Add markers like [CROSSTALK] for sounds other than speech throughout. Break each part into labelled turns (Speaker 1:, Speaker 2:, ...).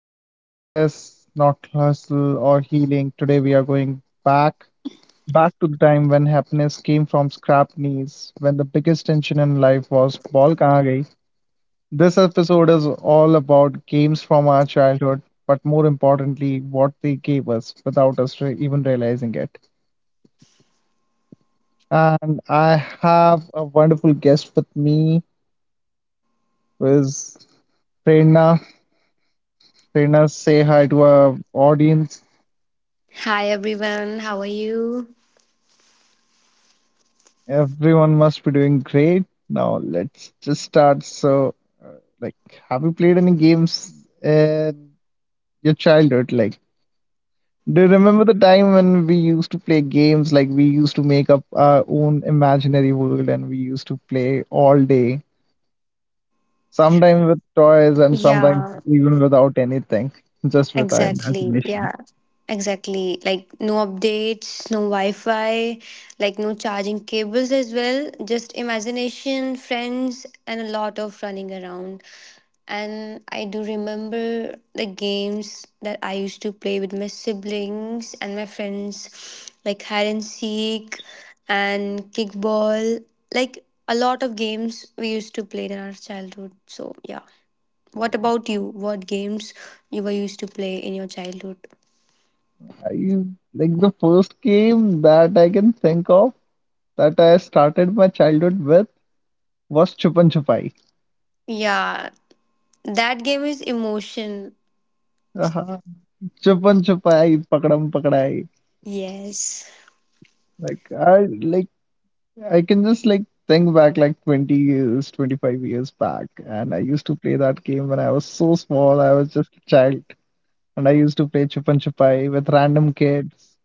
Speaker 1: not success, not hustle, or healing. Today we are going back to the time when happiness came from scrapped knees, when the biggest tension in life was ball kahan gayi. This episode is all about games from our childhood, but more importantly, what they gave us without us even realizing it. And I have a wonderful guest with me, who is Prerna. Srinath, say hi to our audience.
Speaker 2: Hi everyone, how are you?
Speaker 1: Everyone must be doing great. Now let's just start. So, like, have you played any games in your childhood? Like, do you remember the time when we used to play games? Like, we used to make up our own imaginary world and we used to play all day, sometimes with toys and sometimes
Speaker 2: Yeah,
Speaker 1: even without anything, just with our
Speaker 2: exactly.
Speaker 1: imagination.
Speaker 2: Yeah, exactly. Like no updates, no Wi Fi, like no charging cables as well. Just imagination, friends, and a lot of running around. And I do remember the games that I used to play with my siblings and my friends, like hide and seek and kickball. Like a lot of games we used to play in our childhood. So, yeah. What about you? What games you were used to play in your childhood?
Speaker 1: Are you like the first game that I can think of that I started my childhood with was Chupan Chupai.
Speaker 2: Yeah, that game is emotion.
Speaker 1: Uh-huh. Chupan Chupai, Pakadam Pakadai.
Speaker 2: Yes.
Speaker 1: Like I like I can just think back like 20 years, 25 years back, and I used to play that game when I was so small. I was just a child, and I used to play Chupan Chupai with random kids.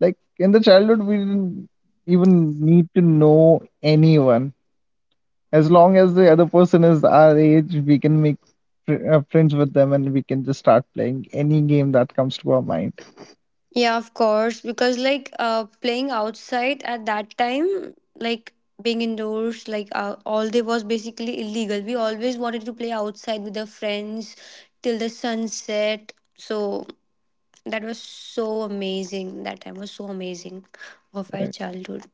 Speaker 1: Like in the childhood, we didn't even need to know anyone. As long as the other person is our age, we can make friends with them and we can just start playing any game that comes to our mind.
Speaker 2: Yeah, of course, because like playing outside at that time, like being indoors, all day was basically illegal. We always wanted to play outside with our friends till the sunset. So that was so amazing. That time was so amazing of our childhood.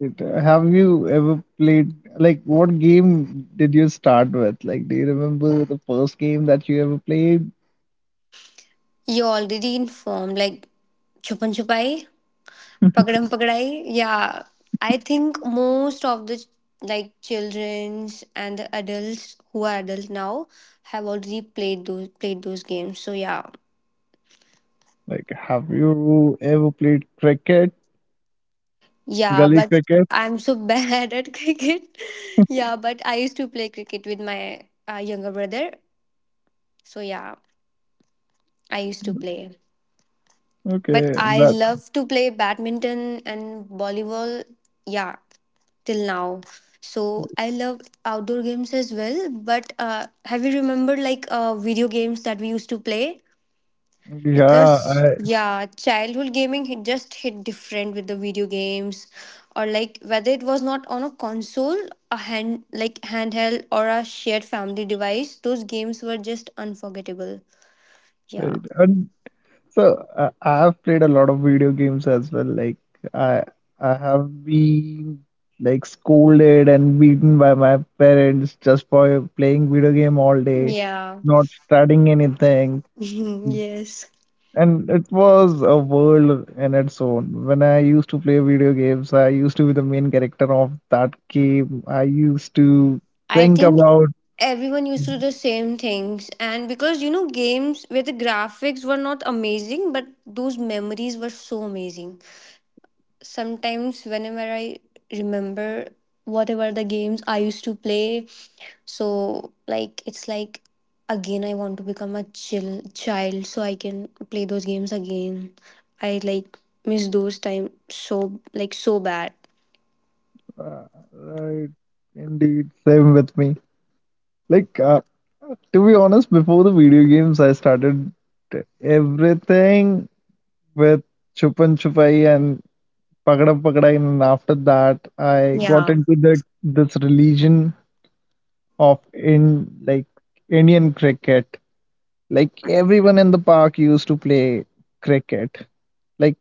Speaker 1: Right. Have you ever played, like, what game did you start with? Like, do you remember the first game that you ever played?
Speaker 2: You already informed, like Chupan Chupai. Pakadam Pakadai, yeah. I think most of the ch- Like childrens and the adults who are adults now have already played those games. So yeah.
Speaker 1: Like, have you ever played cricket?
Speaker 2: Yeah,
Speaker 1: Gully
Speaker 2: but
Speaker 1: cricket?
Speaker 2: I'm so bad at [LAUGHS] cricket. Yeah, but I used to play cricket with my younger brother. So yeah, I used to play. But
Speaker 1: Okay,
Speaker 2: I
Speaker 1: that,
Speaker 2: love to play badminton and volleyball. Yeah, till now. So I love outdoor games as well. But have you remembered like video games that we used to play?
Speaker 1: yeah,
Speaker 2: Because
Speaker 1: I,
Speaker 2: yeah, just hit different with the video games, or like whether it was not on a console, a hand like handheld or a shared family device. Those games were just unforgettable. Yeah.
Speaker 1: right. And So I have played a lot of video games as well. Like I I have been like scolded and beaten by my parents just for playing video game all day,
Speaker 2: Yeah.
Speaker 1: not studying anything.
Speaker 2: [LAUGHS] yes.
Speaker 1: And it was a world in its own. When I used to play video games, I used to be the main character of that game. I used to
Speaker 2: I
Speaker 1: think
Speaker 2: think
Speaker 1: about
Speaker 2: everyone used to do the same things, and because you know, games where the graphics were not amazing, but those memories were so amazing. Sometimes, whenever I remember whatever the games I used to play, so like it's like again, I want to become a chill child so I can play those games again. I like miss those time so like so bad.
Speaker 1: uh, right, indeed, same with me. Like uh, to be honest, before the video games, I started everything with Chupan Chupai and Pagada Pagada, and after that, I got
Speaker 2: Yeah.
Speaker 1: into the this religion of in like Indian cricket. Like everyone in the park used to play cricket. Like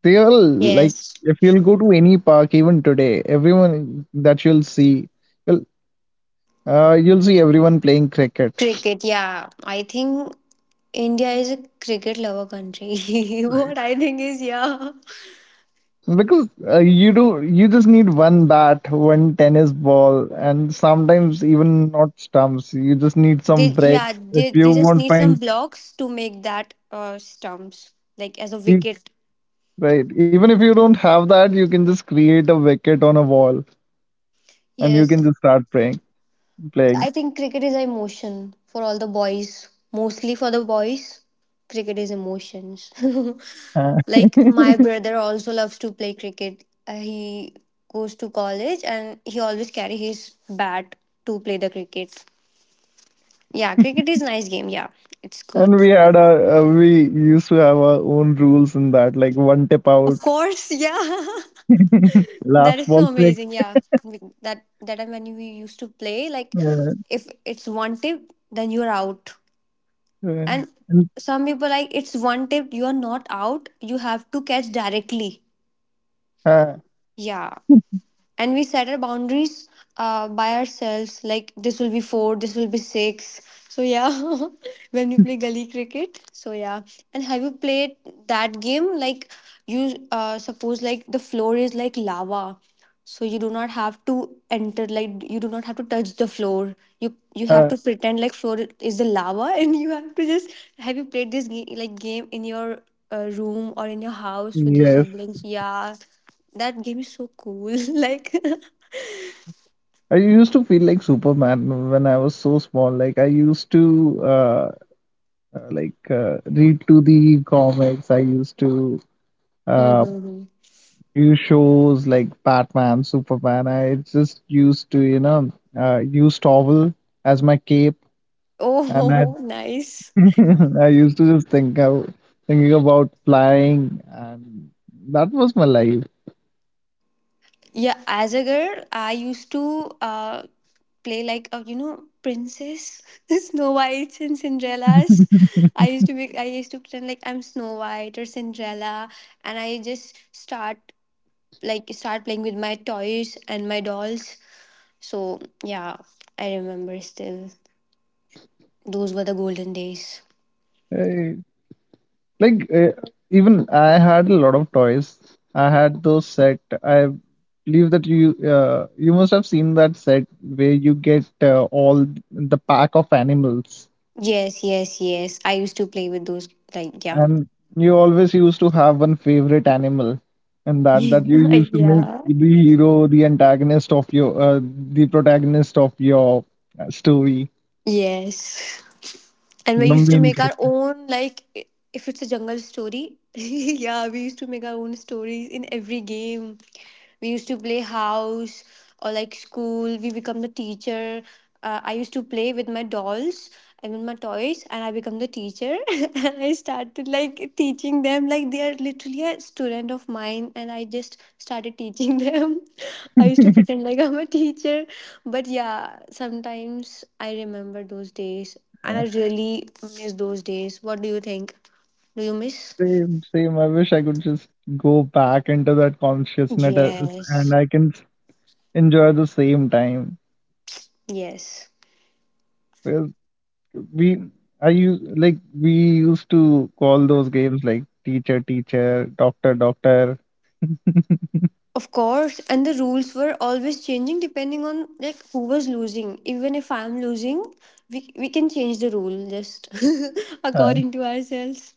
Speaker 1: they all like
Speaker 2: Yes.
Speaker 1: if you'll go to any park even today, everyone that you'll see, you'll, you'll see everyone playing cricket.
Speaker 2: Cricket, yeah. I think India is a cricket lover country. [LAUGHS] what I think is, yeah,
Speaker 1: Because you just need one bat, one tennis ball, and sometimes even not stumps. You just need some
Speaker 2: they yeah
Speaker 1: breaks. If
Speaker 2: they
Speaker 1: you
Speaker 2: they just
Speaker 1: won't
Speaker 2: need some
Speaker 1: find
Speaker 2: blocks to make that stumps like as a
Speaker 1: feet,
Speaker 2: wicket.
Speaker 1: right? Even if you don't have that, you can just create a wicket on a wall, and you
Speaker 2: Yes,
Speaker 1: can just start playing.
Speaker 2: I
Speaker 1: [LAUGHS]
Speaker 2: think cricket is emotion for all the boys. Mostly for the boys, cricket is emotions.
Speaker 1: Uh,
Speaker 2: [LAUGHS] like my brother also loves to play cricket. He goes to college and he always carry his bat to play the cricket. Yeah, cricket is nice game. Yeah, it's
Speaker 1: and
Speaker 2: good.
Speaker 1: we had we used to have our own rules in that, like one tip
Speaker 2: Of
Speaker 1: out,
Speaker 2: course, yeah.
Speaker 1: [LAUGHS]
Speaker 2: [LAUGHS] that
Speaker 1: last
Speaker 2: is
Speaker 1: ball
Speaker 2: so
Speaker 1: six.
Speaker 2: amazing. Yeah. That time when we used to play, like
Speaker 1: Uh,
Speaker 2: if it's one tip, then you're out.
Speaker 1: uh,
Speaker 2: And
Speaker 1: and,
Speaker 2: some people like it's one tip, you are not out. You have to catch directly.
Speaker 1: uh,
Speaker 2: Yeah. And we set our boundaries by ourselves, like this will be four, this will be six, so yeah. [LAUGHS] when we play gully cricket, so yeah. And have you played that game like you suppose like the floor is like lava, so you do not have to enter, like you do not have to touch the floor, you have
Speaker 1: uh,
Speaker 2: to pretend like floor is the lava [LAUGHS] and you have to just, have you played this game like game in your room or in your house with your
Speaker 1: yes,
Speaker 2: siblings, yeah? That game is so cool. [LAUGHS] like,
Speaker 1: I used to feel like Superman when I was so small. Like I used to read to the comics. I used to uh,
Speaker 2: Mm-hmm.
Speaker 1: view shows like Batman, Superman. I just used to use towel as my cape, and I
Speaker 2: Oh, [LAUGHS] nice.
Speaker 1: [LAUGHS] I used to just think of thinking about flying, and that was my life.
Speaker 2: Yeah, as a girl, I used to play like a you know princess, [LAUGHS] Snow Whites and Cinderella's. I used to be. I used to pretend like I'm Snow White or Cinderella, and I just start playing with my toys and my dolls. So yeah, I remember still. Those were the golden days.
Speaker 1: Like uh, Even I had a lot of toys. I had those set. I believe that you must have seen that set where you get all the pack of animals,
Speaker 2: Yes, yes, yes. I used to play with those. Like yeah.
Speaker 1: and you always used to have one favorite animal, and
Speaker 2: [LAUGHS]
Speaker 1: that you used to make
Speaker 2: yeah.
Speaker 1: the hero, the antagonist of the protagonist of your story,
Speaker 2: Yes. And we
Speaker 1: the
Speaker 2: used to
Speaker 1: main
Speaker 2: make our
Speaker 1: character.
Speaker 2: own, if it's a jungle story, [LAUGHS] yeah, we used to make our own stories in every game. We used to play house or like school. We become the teacher. I used to play with my dolls and with my toys, and I become the teacher. [LAUGHS] and I started like teaching them. Like they are literally a student of mine, and I just started teaching them. [LAUGHS] I used to pretend like I'm a teacher, but yeah, sometimes I remember those days and I really miss those days. What do you think? Do you miss?
Speaker 1: Same, same. I wish I could just go back into that consciousness and
Speaker 2: Yes.
Speaker 1: I can enjoy the same time.
Speaker 2: Yes.
Speaker 1: Well, we we used to call those games like teacher, teacher, doctor, doctor. [LAUGHS]
Speaker 2: Of course. And the rules were always changing depending on like who was losing. Even if I'm losing, we can change the rule just [LAUGHS]
Speaker 1: Uh,
Speaker 2: according to ourselves.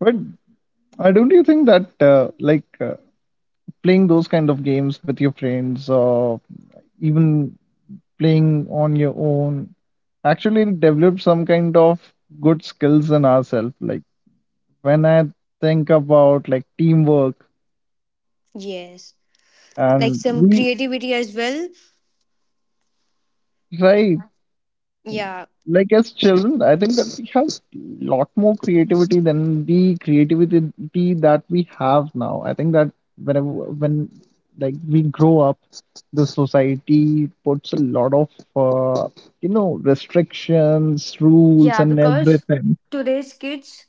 Speaker 1: but Don't you think that like playing those kind of games with your friends or even playing on your own actually develop some kind of good skills in ourselves? Like when I think about like teamwork
Speaker 2: Yes. Like
Speaker 1: and
Speaker 2: some
Speaker 1: we
Speaker 2: creativity as well.
Speaker 1: right
Speaker 2: Yeah.
Speaker 1: like as children, I think that we have lot more creativity than the creativity that we have now. I think that when like we grow up, the society puts a lot of uh, you know, restrictions, rules,
Speaker 2: Yeah,
Speaker 1: and
Speaker 2: because
Speaker 1: everything.
Speaker 2: today's kids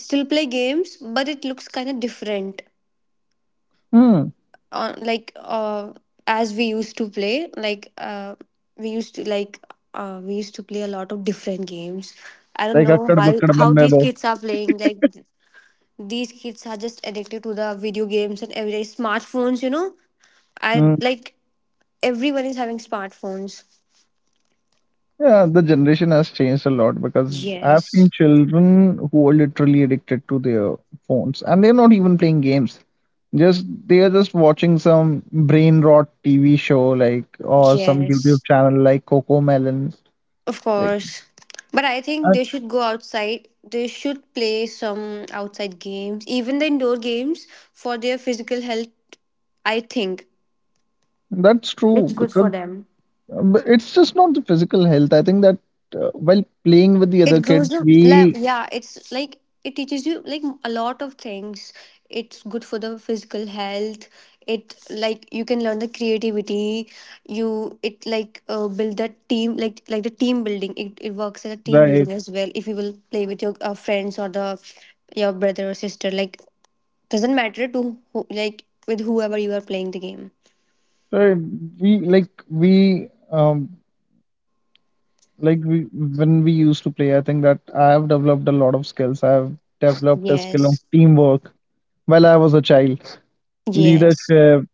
Speaker 2: still play games, but it looks kind of different.
Speaker 1: Hmm.
Speaker 2: uh, like uh, as we used to play we used to like we used to play a lot of different games. I don't
Speaker 1: Like
Speaker 2: know
Speaker 1: akkad bakkad
Speaker 2: how
Speaker 1: banne
Speaker 2: these
Speaker 1: do.
Speaker 2: kids are playing. Like these kids are just addicted to the video games and everyday smartphones, you know. I like everyone is having smartphones.
Speaker 1: Yeah, the generation has changed a lot because I've
Speaker 2: Yes,
Speaker 1: seen children who are literally addicted to their phones and they're not even playing games. Just they are just watching some brain rot TV show like or some YouTube
Speaker 2: yes.
Speaker 1: channel like Coco Melon.
Speaker 2: Of
Speaker 1: Like
Speaker 2: course. But I think
Speaker 1: that,
Speaker 2: they should go outside. They should play some outside games, even the indoor games for their physical health. I think
Speaker 1: that's
Speaker 2: it's
Speaker 1: true
Speaker 2: good for
Speaker 1: because
Speaker 2: them.
Speaker 1: but it's just not the physical health. I think that while playing with the other
Speaker 2: It grows
Speaker 1: kids,
Speaker 2: up, like
Speaker 1: we
Speaker 2: yeah, it's like it teaches you like a lot of things. It's good for the physical health. It like you can learn the creativity. You it like build that team, the team building. It works as a team
Speaker 1: right,
Speaker 2: building as well if you will play with your friends or the your brother or sister, like doesn't matter to who, like with whoever you are playing the game.
Speaker 1: right. we like we um when we used to play, I think that I have developed a lot of skills. I have developed a skill of
Speaker 2: Yes.
Speaker 1: teamwork while I was a child,
Speaker 2: Yes.
Speaker 1: leadership,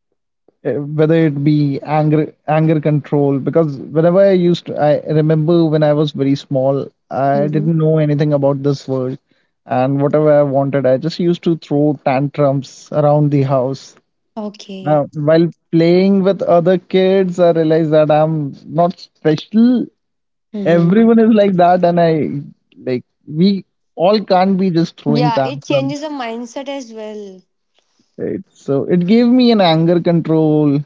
Speaker 1: whether it be anger, anger control. Because whenever I used to, I remember when I was very small, I
Speaker 2: Mm-hmm.
Speaker 1: didn't know anything about this world, and whatever I wanted, I just used to throw tantrums around the house.
Speaker 2: Okay.
Speaker 1: Now, while playing with other kids, I realized that I'm not special. Everyone
Speaker 2: Mm-hmm.
Speaker 1: is like that, and I like we all can't be just throwing
Speaker 2: Yeah, it changes
Speaker 1: tantrums,
Speaker 2: the mindset as well.
Speaker 1: right? So it gave me an anger control.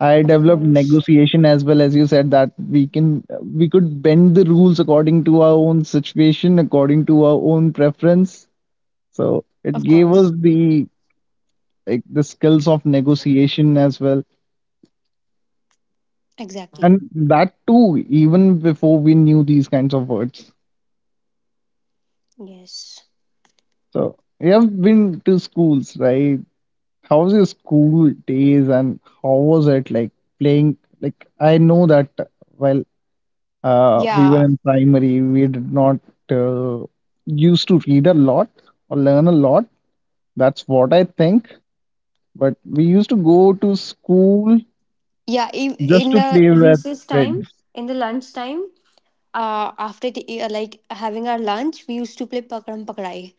Speaker 1: I
Speaker 2: Of
Speaker 1: developed
Speaker 2: course.
Speaker 1: negotiation as well as you said that we could bend the rules according to our own situation, according to our own preference. So it
Speaker 2: Of
Speaker 1: gave
Speaker 2: course.
Speaker 1: us the like the skills of negotiation as well.
Speaker 2: Exactly.
Speaker 1: And that too, even before we knew these kinds of words.
Speaker 2: Yes.
Speaker 1: So we have been to schools, right? How was your school days and how was it like playing? Like I know that while we were
Speaker 2: Yeah.
Speaker 1: in primary, we did not uh, used to read a lot or learn a lot. That's what I think. But we used to go to school
Speaker 2: Yeah. In,
Speaker 1: just
Speaker 2: in
Speaker 1: to
Speaker 2: the
Speaker 1: play with
Speaker 2: recess time,
Speaker 1: friends.
Speaker 2: in the lunch time, like having our lunch, we used to play Pakram Pakrai.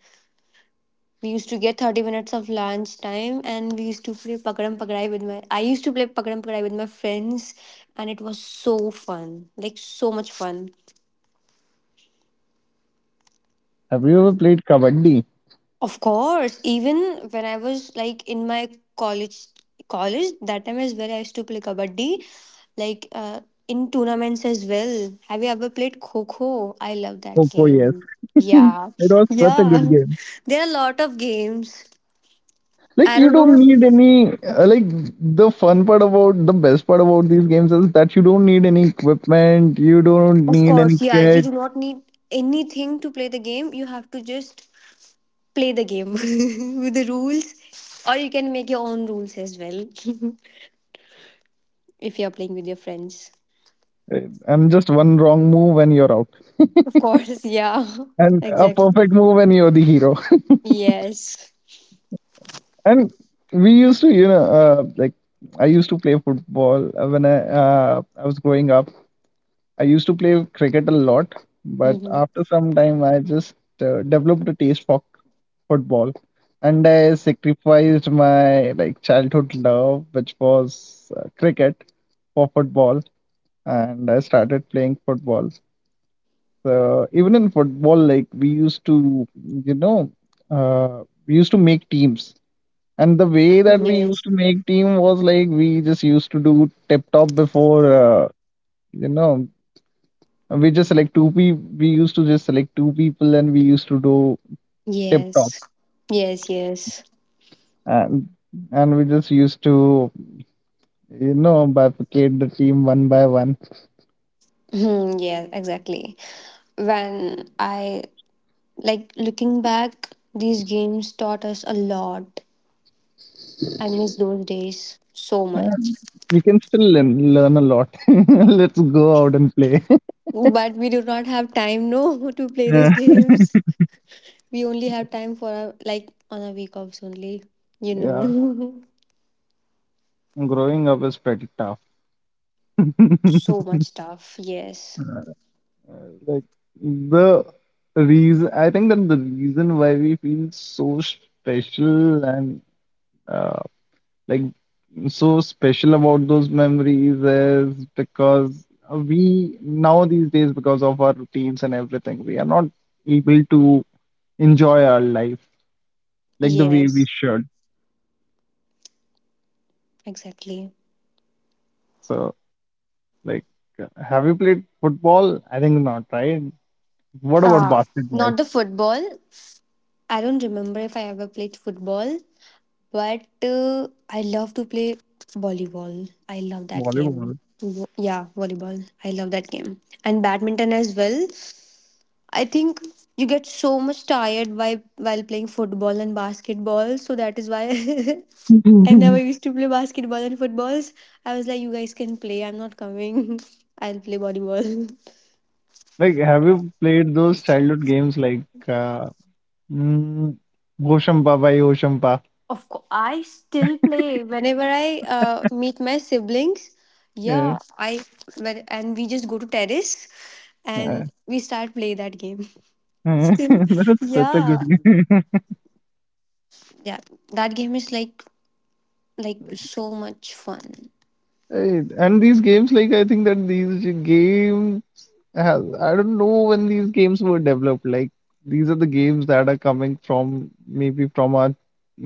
Speaker 2: We used to get 30 minutes of lunch time and we used to play Pakram Pakrai with my. I used to play Pakram Pakrai with my friends and it was so fun. Like, so much fun.
Speaker 1: Have you ever played kabaddi?
Speaker 2: Of course, even when I was like in my college, college that time as well, I used to play kabaddi, like in tournaments as well. Have you ever played kho kho? I love that
Speaker 1: Oh, yes.
Speaker 2: game.
Speaker 1: [LAUGHS]
Speaker 2: Yeah,
Speaker 1: It was such a good
Speaker 2: yeah.
Speaker 1: game.
Speaker 2: [LAUGHS] There are a lot of games.
Speaker 1: Like
Speaker 2: I
Speaker 1: you
Speaker 2: don't
Speaker 1: don't
Speaker 2: know.
Speaker 1: need any the best part about these games is that you don't need any equipment, you don't
Speaker 2: Of
Speaker 1: need any
Speaker 2: course, yeah. You
Speaker 1: kit,
Speaker 2: do not need anything to play the game. You have to just play the game [LAUGHS] with the rules, or you can make your own rules as well [LAUGHS] if you are playing with your friends.
Speaker 1: uh, and just one wrong move and you're out,
Speaker 2: Of course, yeah. [LAUGHS]
Speaker 1: and a
Speaker 2: Exactly.
Speaker 1: perfect move and you're the hero. [LAUGHS]
Speaker 2: Yes.
Speaker 1: And we used to, you know, I used to play football when I was growing up, I used to play cricket a lot, but
Speaker 2: Mm-hmm.
Speaker 1: after some time, I just developed a taste for football, and I sacrificed my like childhood love, which was cricket, for football, and I started playing football. So even in football, like we used to, you know, we used to make teams, and the way that we used
Speaker 2: Yes.
Speaker 1: to make team was like we just used to do tip top before, you know, we just select two pe. We used to just select two people and we used to do tip top
Speaker 2: Yes. Yes, yes.
Speaker 1: and we just used to, you know, bifurcate the team one by one.
Speaker 2: Hmm, yeah, exactly. When I like looking back, these games taught us a lot. I miss those days so
Speaker 1: Uh,
Speaker 2: much.
Speaker 1: we can still learn a lot. [LAUGHS] Let's go out and play.
Speaker 2: But we do not have time, no, [LAUGHS] to
Speaker 1: [LAUGHS]
Speaker 2: play
Speaker 1: Yeah,
Speaker 2: those games. We only have time for our, like on our week offs only, you
Speaker 1: yeah,
Speaker 2: know.
Speaker 1: growing up is pretty tough. [LAUGHS]
Speaker 2: [LAUGHS] so much stuff. Yes.
Speaker 1: like the reason I think that The reason why we feel so special and uh, like so special about those memories is because we now these days because of our routines and everything we are not able to enjoy our life like the way we
Speaker 2: Yes.
Speaker 1: should.
Speaker 2: Exactly.
Speaker 1: So like have you played football? I think not, right? What about
Speaker 2: Uh,
Speaker 1: basketball?
Speaker 2: not the football. I don't remember if I ever played football, but I love to play volleyball. I love that game.
Speaker 1: Volleyball.
Speaker 2: Yeah, volleyball. I love that game. And badminton as well. I think you get so much tired by while playing football and basketball, so that is why [LAUGHS] I never
Speaker 1: [LAUGHS]
Speaker 2: used to play basketball and footballs. I was like, you guys can play. I'm not coming. [LAUGHS] I'll play volleyball.
Speaker 1: Like have you played those childhood games like mm, Hoshampa by Hoshampa?
Speaker 2: Of course, I still play whenever I meet my siblings.
Speaker 1: Yeah.
Speaker 2: Yeah, I when, and we just go to terrace
Speaker 1: Uh,
Speaker 2: and we start play that game. [LAUGHS]
Speaker 1: [LAUGHS]
Speaker 2: Still,
Speaker 1: that's such a
Speaker 2: yeah,
Speaker 1: good game.
Speaker 2: yeah, that game is
Speaker 1: [LAUGHS]
Speaker 2: so much fun.
Speaker 1: Right. And these games, like I think that these games has I don't know when these games were developed. Like these are the games that are coming from maybe from our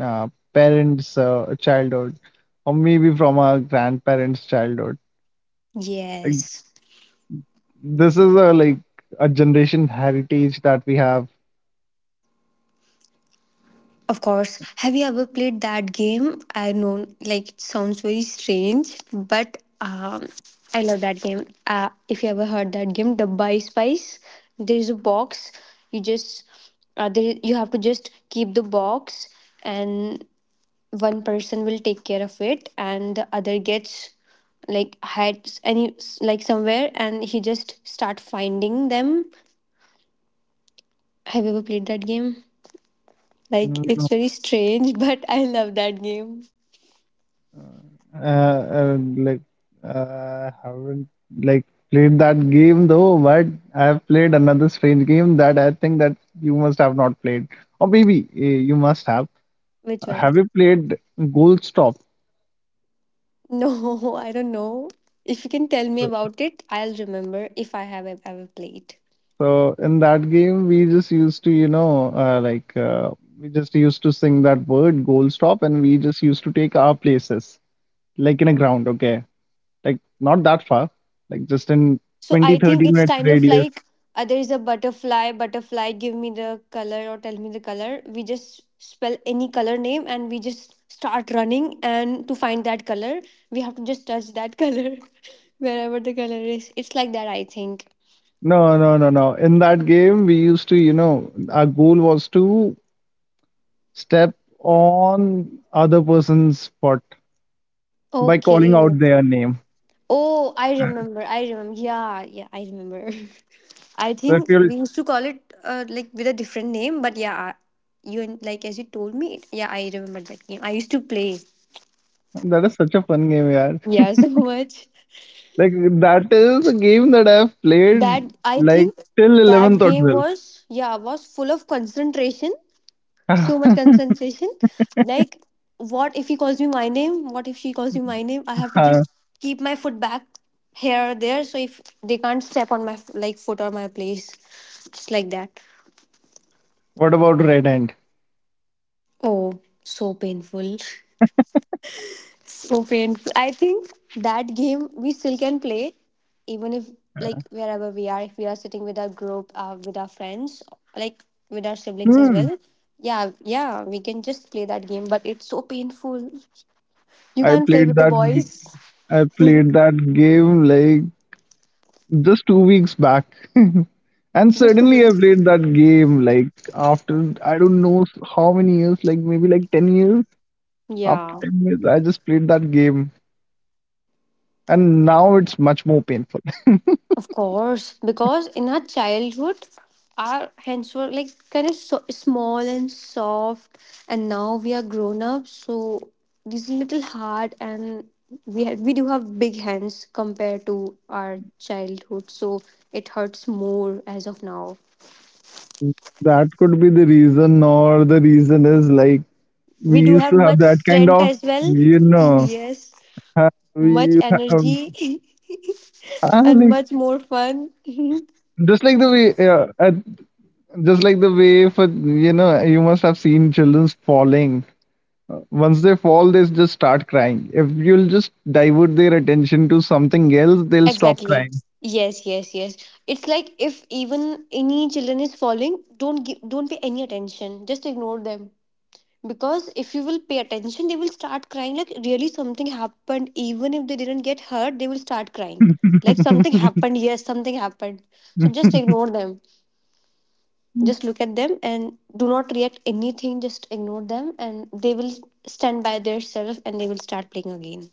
Speaker 1: uh, parents' childhood, or maybe from our grandparents' childhood. Like
Speaker 2: Yes.
Speaker 1: this is a like a generation heritage that we have.
Speaker 2: Of course. Have you ever played that game? I know, like, it sounds very strange, but I love that game. If you ever heard that game, Dabba Spice, there is a box. You just, there, you have to just keep the box, and one person will take care of it, and the other gets like hides any like somewhere, and he just start finding them. Have you ever played that game? Like, it's very strange, [LAUGHS] but I love that game.
Speaker 1: Uh, and like Haven't like played that game though, but I have played another strange game that I think that you must have not played, or maybe you must have.
Speaker 2: Which one?
Speaker 1: Have you played Gold Stop?
Speaker 2: No, [LAUGHS] I don't know. If you can tell me
Speaker 1: Uh,
Speaker 2: about it, I'll remember if I have ever played.
Speaker 1: So in that game, we just used to, you know, we just used to sing that word goal stop, and we just used to take our places, like in a ground, okay, like not that far, like just in
Speaker 2: So
Speaker 1: 20,
Speaker 2: I think
Speaker 1: 30
Speaker 2: it's
Speaker 1: minutes
Speaker 2: kind of
Speaker 1: radius.
Speaker 2: like there is a butterfly, butterfly, give me the color or tell me the color. We just spell any color name and we just start running and to find that color, we have to just touch that color [LAUGHS] wherever the color is. It's like that, I think.
Speaker 1: No, no, no, no. In that game, we used to, you know, our goal was to step on other person's spot by calling
Speaker 2: Okay.
Speaker 1: out their name.
Speaker 2: Oh, I remember. I remember. Yeah, yeah, I remember. [LAUGHS] I
Speaker 1: So I
Speaker 2: think
Speaker 1: feel
Speaker 2: we used to call it like with a different name, but yeah, like as you told me, yeah, I remember that game. I used to play.
Speaker 1: that is such a fun game, yeah.
Speaker 2: Yeah, [LAUGHS] so much.
Speaker 1: Like that is a game that I've played
Speaker 2: That I
Speaker 1: like
Speaker 2: think
Speaker 1: till
Speaker 2: that
Speaker 1: 11th or
Speaker 2: game was, yeah, was full of concentration,
Speaker 1: 12th.
Speaker 2: so much concentration. Like, what if he calls me my name? What if she calls me my name? I have to just keep my foot back here or there, so if they can't step on my like foot or my place, just like that.
Speaker 1: [LAUGHS] What about Red Hand?
Speaker 2: Oh, so painful, so painful. I think that game we still can play, even if like wherever we are, if we are sitting with our group, with our friends, like with our siblings as
Speaker 1: Hmm.
Speaker 2: well. Yeah, yeah, we can just play that game, but it's so painful. You
Speaker 1: I
Speaker 2: can't play
Speaker 1: played
Speaker 2: with the
Speaker 1: that.
Speaker 2: boys.
Speaker 1: I
Speaker 2: [LAUGHS] The
Speaker 1: played that game like just 2 weeks back. [LAUGHS] And suddenly I
Speaker 2: students.
Speaker 1: played that game like after I don't know how many years, like maybe like 10 years. After
Speaker 2: Yeah,
Speaker 1: 10 years, I just played that game. And now it's much more painful. [LAUGHS]
Speaker 2: of course. Because in our childhood, our hands were like kind of small and soft, and now we are grown up, so these little hard, and we do have big hands compared to our childhood, so it hurts more as of now.
Speaker 1: That could be the reason, or the reason is like
Speaker 2: We
Speaker 1: we
Speaker 2: do
Speaker 1: used
Speaker 2: have
Speaker 1: to have
Speaker 2: much
Speaker 1: that kind
Speaker 2: strength
Speaker 1: of,
Speaker 2: as well.
Speaker 1: you
Speaker 2: [LAUGHS]
Speaker 1: know,
Speaker 2: Yes,
Speaker 1: ha-
Speaker 2: much
Speaker 1: we have,
Speaker 2: energy, [LAUGHS] and
Speaker 1: like,
Speaker 2: much more fun. [LAUGHS]
Speaker 1: just like the way, uh, at, just like the way for, you know, you must have seen children falling. Once they fall, they just start crying. If you'll just divert their attention to something else, they'll stop
Speaker 2: Exactly.
Speaker 1: crying.
Speaker 2: Yes, yes, yes. It's like if even any children is falling, don't give, don't pay any attention. Just ignore them. Because if you will pay attention, they will start crying like really something happened. Even if they didn't get hurt, they will start crying. Like something
Speaker 1: [LAUGHS]
Speaker 2: happened. Yes, something happened. So just ignore them. Just look at them and do not react anything. Just ignore them and they will stand by themselves and they will start playing again.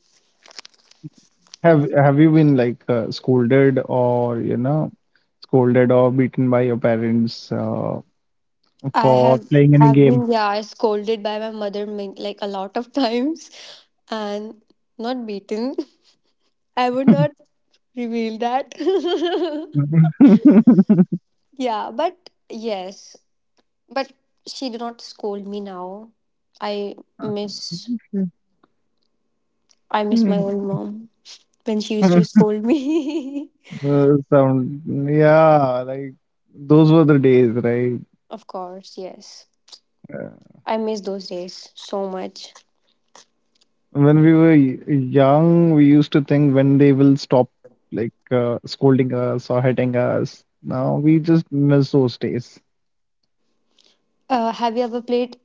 Speaker 1: Have you been like scolded or scolded or beaten by your parents
Speaker 2: I
Speaker 1: for
Speaker 2: have
Speaker 1: playing any
Speaker 2: have
Speaker 1: game?
Speaker 2: been, yeah, scolded by my mother, like a lot of [LAUGHS] times, and not beaten. [LAUGHS] I would not reveal that.
Speaker 1: [LAUGHS]
Speaker 2: [LAUGHS] Yeah, but yes, but she did not scold me now. I miss I miss my own mom when she used to scold me.
Speaker 1: Some Yeah, like those were the days, right?
Speaker 2: [LAUGHS] Of course, yes, I miss those days so much.
Speaker 1: When we were young, we used to think when they will stop like scolding us or hitting us. Now we just miss those days.
Speaker 2: Have you ever played?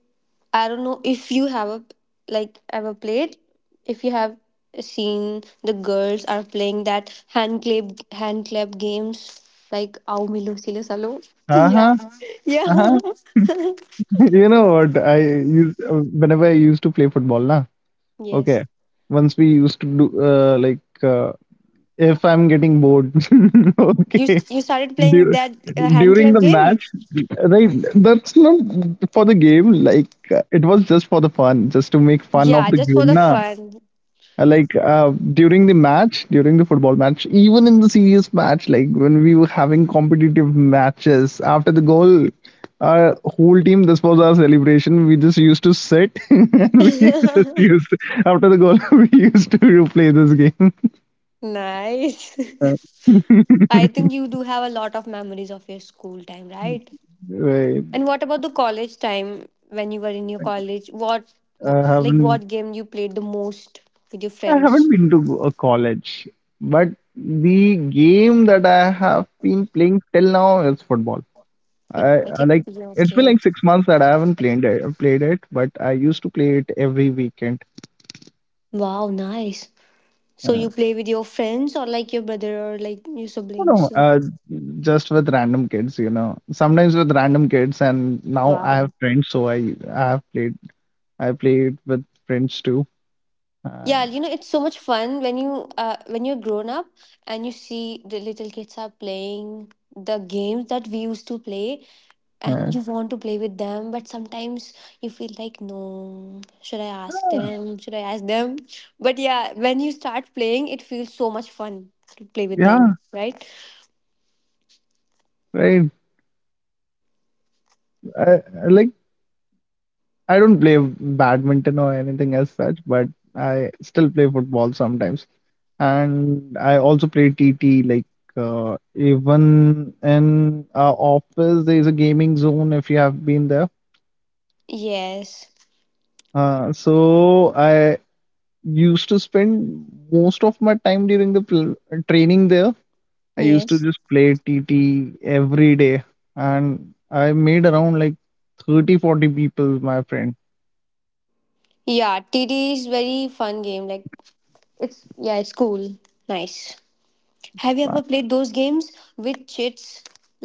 Speaker 2: I don't know if you have a, like ever played. If you have seen the girls are playing that hand clap games like Ao Milo Silo Salo. [LAUGHS] Yeah,
Speaker 1: Uh-huh,
Speaker 2: yeah.
Speaker 1: uh-huh.
Speaker 2: [LAUGHS]
Speaker 1: [LAUGHS] You know what? I used Whenever I used to play football, na. Okay.
Speaker 2: Yes,
Speaker 1: Once we used to do like if I'm getting bored, [LAUGHS]
Speaker 2: you
Speaker 1: okay.
Speaker 2: you started playing
Speaker 1: Dur
Speaker 2: that hand
Speaker 1: During
Speaker 2: clap
Speaker 1: the match,
Speaker 2: game.
Speaker 1: right? That's not for the game. Like it was just for the fun, just to make fun of
Speaker 2: Yeah,
Speaker 1: the
Speaker 2: just for
Speaker 1: game,
Speaker 2: the
Speaker 1: na.
Speaker 2: fun.
Speaker 1: Like during the football match, even in the serious match, like when we were having competitive matches, after the goal, our whole team, this was our celebration, we just used to sit [LAUGHS] and we just
Speaker 2: [LAUGHS]
Speaker 1: used after the goal [LAUGHS] we used to play this game.
Speaker 2: Nice.
Speaker 1: Uh,
Speaker 2: [LAUGHS]
Speaker 1: [LAUGHS]
Speaker 2: I think you do have a lot of memories of your school time, right?
Speaker 1: Wait,
Speaker 2: And what about the college time when you were in your college? What,
Speaker 1: I
Speaker 2: wh- like
Speaker 1: haven't
Speaker 2: what game you played the most with your
Speaker 1: I
Speaker 2: friends?
Speaker 1: haven't been to a college, but the game that I have been playing till now is football.
Speaker 2: But
Speaker 1: I,
Speaker 2: I
Speaker 1: I
Speaker 2: think
Speaker 1: like
Speaker 2: yeah,
Speaker 1: it's been
Speaker 2: okay.
Speaker 1: like 6 months that I haven't played it, but I used to play it every weekend.
Speaker 2: Wow, nice. So
Speaker 1: Uh,
Speaker 2: you play with your friends or like your brother or like your
Speaker 1: you
Speaker 2: siblings?
Speaker 1: know,
Speaker 2: Like,
Speaker 1: just with random kids, you know, sometimes with random kids, and now I have
Speaker 2: wow.
Speaker 1: friends, so I played with friends too,
Speaker 2: Yeah,
Speaker 1: and
Speaker 2: you know it's so much fun when you when you're grown up and you see the little kids are playing the games that we used to play and
Speaker 1: uh,
Speaker 2: you want to play with them, but sometimes you feel like no, should I ask them, should I ask them? But yeah, when you start playing, it feels so much fun to play with
Speaker 1: yeah,
Speaker 2: them, right?
Speaker 1: right. I, like, I don't play badminton or anything as such, but I still play football sometimes. And I also play TT. Like even in our office, there is a gaming zone if you have been there.
Speaker 2: Yes.
Speaker 1: So I used to spend most of my time during the training there. I used to
Speaker 2: Yes.
Speaker 1: just play TT every day, and I made around like 30, 40 people my friend.
Speaker 2: Yeah, TD is very fun game, like it's yeah it's cool. Nice.
Speaker 1: It's
Speaker 2: Have you
Speaker 1: fun.
Speaker 2: ever played those games with chits?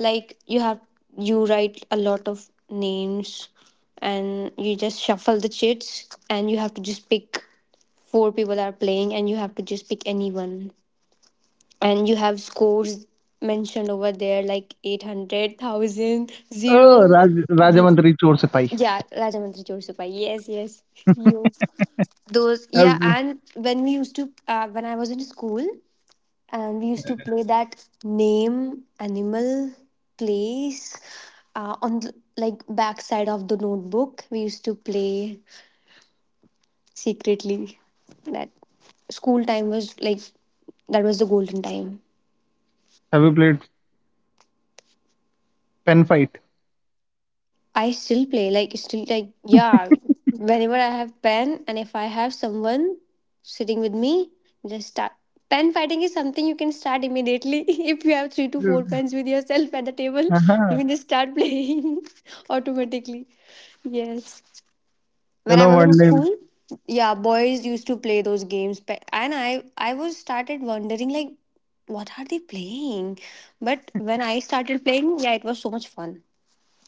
Speaker 2: Like you have, you write a lot of names and you just shuffle the chits and you have to just pick, four people are playing and you have to just pick anyone. And you have scores mentioned over there like 800, thousand,
Speaker 1: Oh,
Speaker 2: zero. 0.
Speaker 1: Rajamantri Chor Sipahi.
Speaker 2: Yeah, Rajamantri Chorsupai. Yes, yes. You those,
Speaker 1: Have,
Speaker 2: yeah, and when we used to when I was in school, and we used to play that name, animal, place, on the, like, backside of the notebook. We used to play secretly. That school time was like, that was the golden time.
Speaker 1: have you played pen fight?
Speaker 2: I still play like, still, like, yeah. Whenever I have pen and if I have someone sitting with me, just start. Pen fighting is something you can start immediately [LAUGHS] if you have three to four pens with yourself at the table. You
Speaker 1: Uh-huh.
Speaker 2: can just start playing [LAUGHS] automatically. Yes.
Speaker 1: You
Speaker 2: When I
Speaker 1: know,
Speaker 2: was in
Speaker 1: one day
Speaker 2: school, yeah, boys used to play those games, and I was started wondering like, what are they playing? But when I started playing, yeah, it was so much fun.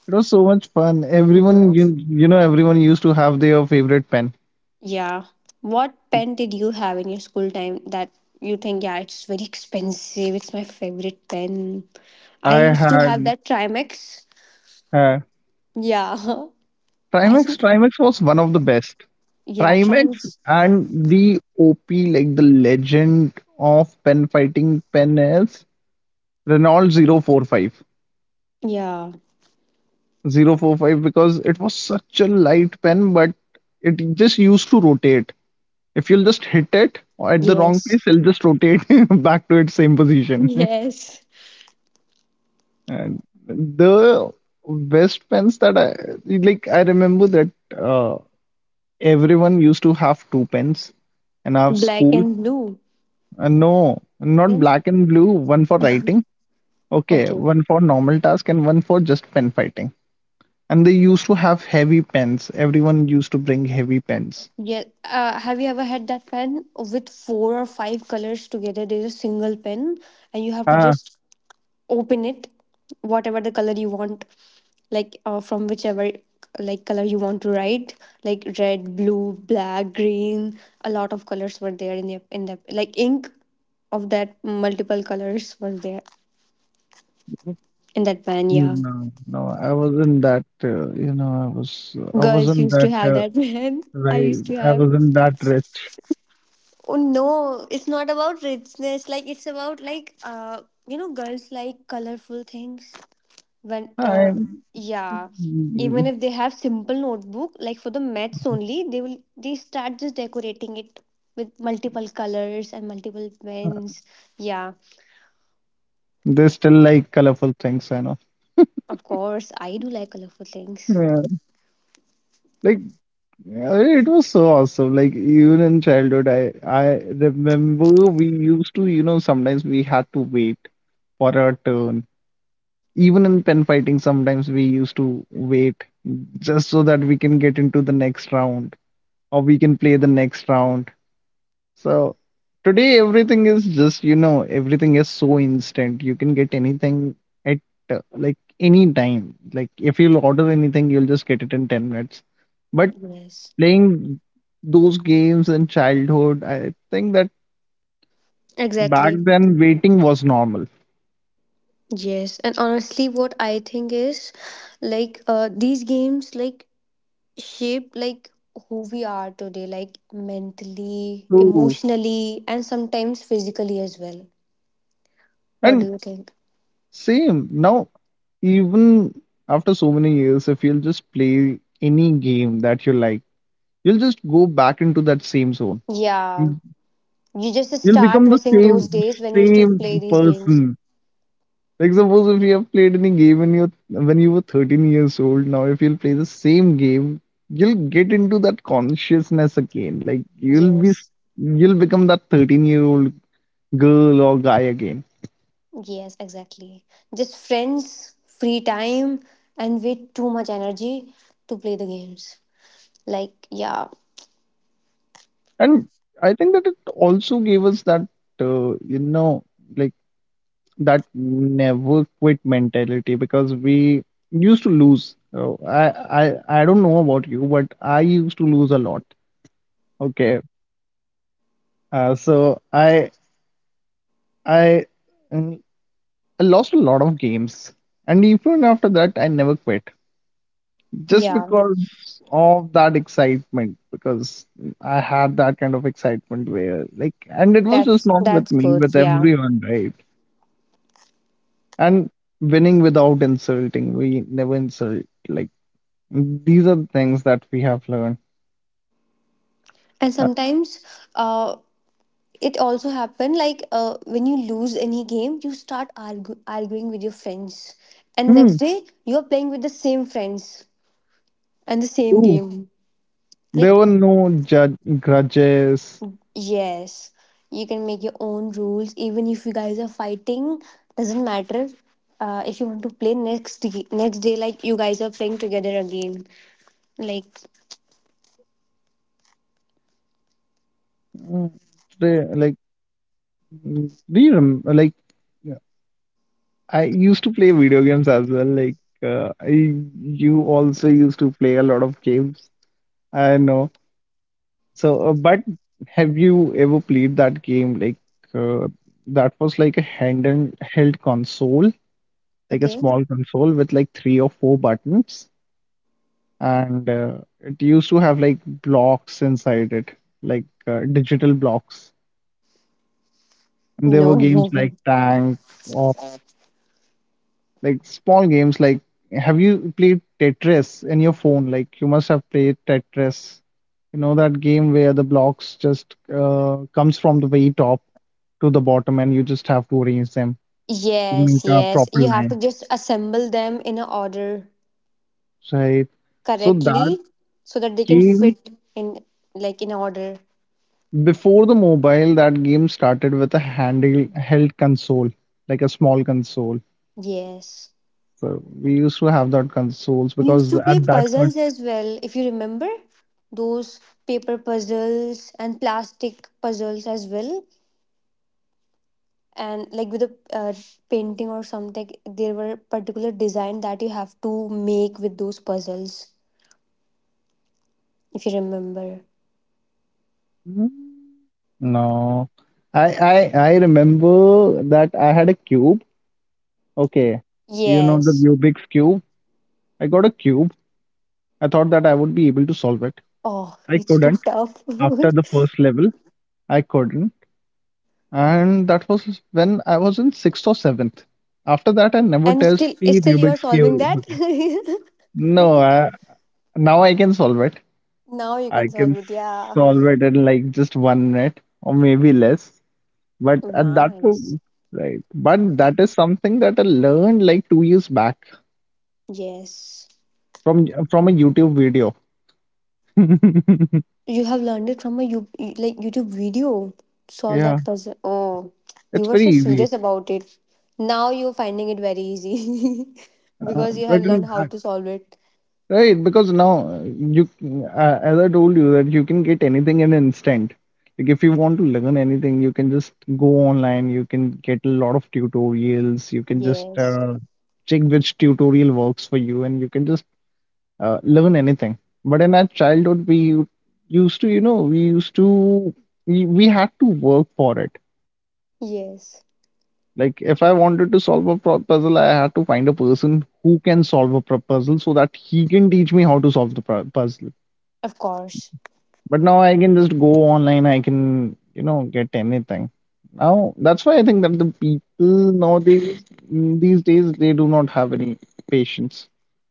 Speaker 1: it was so much fun. Everyone,
Speaker 2: Yes.
Speaker 1: everyone used to have their favorite pen.
Speaker 2: Yeah. What pen did you have in your school time that you think, yeah, it's very expensive, it's my favorite pen? I
Speaker 1: I
Speaker 2: used to have
Speaker 1: had
Speaker 2: that Trimex.
Speaker 1: uh,
Speaker 2: Yeah. [LAUGHS] I
Speaker 1: Trimax.
Speaker 2: think,
Speaker 1: Trimax was one of the best.
Speaker 2: yeah,
Speaker 1: Trimax
Speaker 2: Trimex.
Speaker 1: and the OP, like the legend of pen fighting pen is Renault 045.
Speaker 2: Yeah.
Speaker 1: 045 because it was such a light pen, but it just used to rotate. If you'll just hit it at the wrong
Speaker 2: Yes.
Speaker 1: place,
Speaker 2: [LAUGHS]
Speaker 1: it'll just rotate [LAUGHS] back to its same position.
Speaker 2: Yes.
Speaker 1: And the best pens that I like, I remember that uh, everyone used to have two pens and have
Speaker 2: Black
Speaker 1: school.
Speaker 2: and blue.
Speaker 1: No, not
Speaker 2: Then,
Speaker 1: black and blue, one for writing, okay,
Speaker 2: okay.
Speaker 1: one for normal task, and one for just pen fighting. And they used to have heavy pens. Everyone used to bring heavy pens.
Speaker 2: Yeah. Have you ever had that pen with four or five colors together? There's a single pen, and you have to
Speaker 1: Ah,
Speaker 2: just open it whatever the color you want, like from whichever like color you want to write, like red, blue, black, green, a lot of colors were there in the like ink, of that, multiple colors were there in that pen, yeah.
Speaker 1: no, no, I wasn't that, you know, I was, I
Speaker 2: Girls
Speaker 1: wasn't
Speaker 2: used to
Speaker 1: that,
Speaker 2: have that [LAUGHS] pen. I
Speaker 1: right,
Speaker 2: used to
Speaker 1: I
Speaker 2: have,
Speaker 1: wasn't that rich.
Speaker 2: oh no, it's not about richness, like it's about like uh, you know, girls like colorful things when
Speaker 1: I,
Speaker 2: yeah, even if they have simple notebook like for the maths only, they will, they start just decorating it with multiple colors and multiple pens, yeah.
Speaker 1: They still like colorful things, I know.
Speaker 2: Of course I do like colorful things.
Speaker 1: Yeah. Like it was so awesome. Like even in childhood, I remember we used to, sometimes we had to wait for our turn. Even in pen fighting, sometimes we used to wait just so that we can get into the next round or we can play the next round. So today everything is just, you know, everything is so instant. You can get anything at like any time. Like if you'll order anything, you'll just get it in 10 minutes. But
Speaker 2: Yes,
Speaker 1: playing those games in childhood, I think that back
Speaker 2: exactly.
Speaker 1: then waiting was normal.
Speaker 2: Yes, and honestly what I think is like these games like shape like who we are today, like mentally,
Speaker 1: True.
Speaker 2: emotionally, and sometimes physically as well. What do
Speaker 1: And
Speaker 2: you think?
Speaker 1: same. Now, even after so many years, if you'll just play any game that you like, you'll just go back into that same zone.
Speaker 2: Yeah. You just
Speaker 1: You'll
Speaker 2: start
Speaker 1: become the
Speaker 2: missing those
Speaker 1: same
Speaker 2: days when you used to play
Speaker 1: same
Speaker 2: these games.
Speaker 1: person. Like suppose if you have played any game when you were 13 years old, now if you'll play the same game, you'll get into that consciousness again. Like
Speaker 2: Yes.
Speaker 1: you'll become that 13-year-old girl or guy again.
Speaker 2: Yes, exactly. Just friends, free time, and with too much energy to play the games. Like, yeah,
Speaker 1: And I think that it also gave us that uh, you know like that never quit mentality because we used to lose. So I don't know about you, but I used to lose a lot. Okay. So I mm, I lost a lot of games, and even after that, I never quit just
Speaker 2: yeah,
Speaker 1: because of that excitement. Because I had that kind of excitement where like, and it was just not with
Speaker 2: that's
Speaker 1: me,
Speaker 2: good.
Speaker 1: with
Speaker 2: Yeah,
Speaker 1: everyone, right? And winning without insulting, we never insult. Like these are the things that we have learned.
Speaker 2: and
Speaker 1: Uh,
Speaker 2: sometimes, uh, it also happened like when you lose any game, you start arguing with your friends, and next
Speaker 1: mm,
Speaker 2: day you are playing with the same friends and the same
Speaker 1: True.
Speaker 2: game.
Speaker 1: There
Speaker 2: Like,
Speaker 1: were no judge grudges.
Speaker 2: yes, you can make your own rules. Even if you guys are fighting, doesn't matter. If you want to play next day, like you guys are playing together again. Like,
Speaker 1: Mm, Like Do you rem like I used to play video games as well. Like uh, I, you also used to play a lot of games. I know. So, but have you ever played that game? Like uh, that was like a hand held console, like a
Speaker 2: okay.
Speaker 1: small console with like three or four buttons, and it used to have like blocks inside it, like digital blocks. And there
Speaker 2: No.
Speaker 1: were games
Speaker 2: [LAUGHS]
Speaker 1: like Tank, like small games, like have you played Tetris in your phone? Like you must have played Tetris. You know that game where the blocks just comes from the very top to the bottom and you just have to arrange them to make
Speaker 2: Yes,
Speaker 1: a
Speaker 2: yes.
Speaker 1: proper
Speaker 2: You have to
Speaker 1: line.
Speaker 2: just assemble them in a order
Speaker 1: Right. So that
Speaker 2: correctly so that they can
Speaker 1: game
Speaker 2: fit in, like in order.
Speaker 1: before the mobile, that game started with a handheld console, like a small console.
Speaker 2: Yes.
Speaker 1: So we used to have that consoles
Speaker 2: We used
Speaker 1: because
Speaker 2: to play
Speaker 1: at that point.
Speaker 2: puzzles as well, if you remember. Those paper puzzles and plastic puzzles as well, and like with a painting or something, there were particular design that you have to make with those puzzles, if you remember.
Speaker 1: No, I remember that I had a cube. Okay, you know the
Speaker 2: Yes.
Speaker 1: Rubik's cube. I got a cube. I thought that I would be able to solve it.
Speaker 2: Oh,
Speaker 1: I
Speaker 2: it's too
Speaker 1: couldn't
Speaker 2: tough.
Speaker 1: after the first level. I couldn't, and that was when I was in sixth or seventh. After that, I
Speaker 2: [LAUGHS]
Speaker 1: never
Speaker 2: And
Speaker 1: touched
Speaker 2: still
Speaker 1: the
Speaker 2: still you're
Speaker 1: Rubik's
Speaker 2: solving
Speaker 1: cube
Speaker 2: that.
Speaker 1: again. No, now I can solve it.
Speaker 2: [LAUGHS] Now you
Speaker 1: I
Speaker 2: can solve
Speaker 1: can
Speaker 2: it, yeah.
Speaker 1: solve it in like just 1 minute or maybe less. But at that
Speaker 2: Nice.
Speaker 1: point, right? But that is something that I learned like 2 years back
Speaker 2: Yes.
Speaker 1: from a YouTube video. [LAUGHS]
Speaker 2: You have learned it from a you, like YouTube video. Solve
Speaker 1: Yeah,
Speaker 2: that puzzle. Oh, you
Speaker 1: it's
Speaker 2: were
Speaker 1: very
Speaker 2: so
Speaker 1: easy.
Speaker 2: serious about it. Now you're finding it very easy [LAUGHS] because you have
Speaker 1: But in,
Speaker 2: learned how to solve it.
Speaker 1: right, because now you, as I told you, that you can get anything in an instant. Like if you want to learn anything, you can just go online. You can get a lot of tutorials. You can just
Speaker 2: Yes.
Speaker 1: check which tutorial works for you, and you can just learn anything. But in our childhood, we used to, we had to work for it.
Speaker 2: Yes.
Speaker 1: Like if I wanted to solve a puzzle, I had to find a person who can solve a puzzle so that he can teach me how to solve the puzzle.
Speaker 2: Of course.
Speaker 1: But now I can just go online. I can, you know, get anything. Now that's why I think that the people nowadays, these days, they do not have any patience.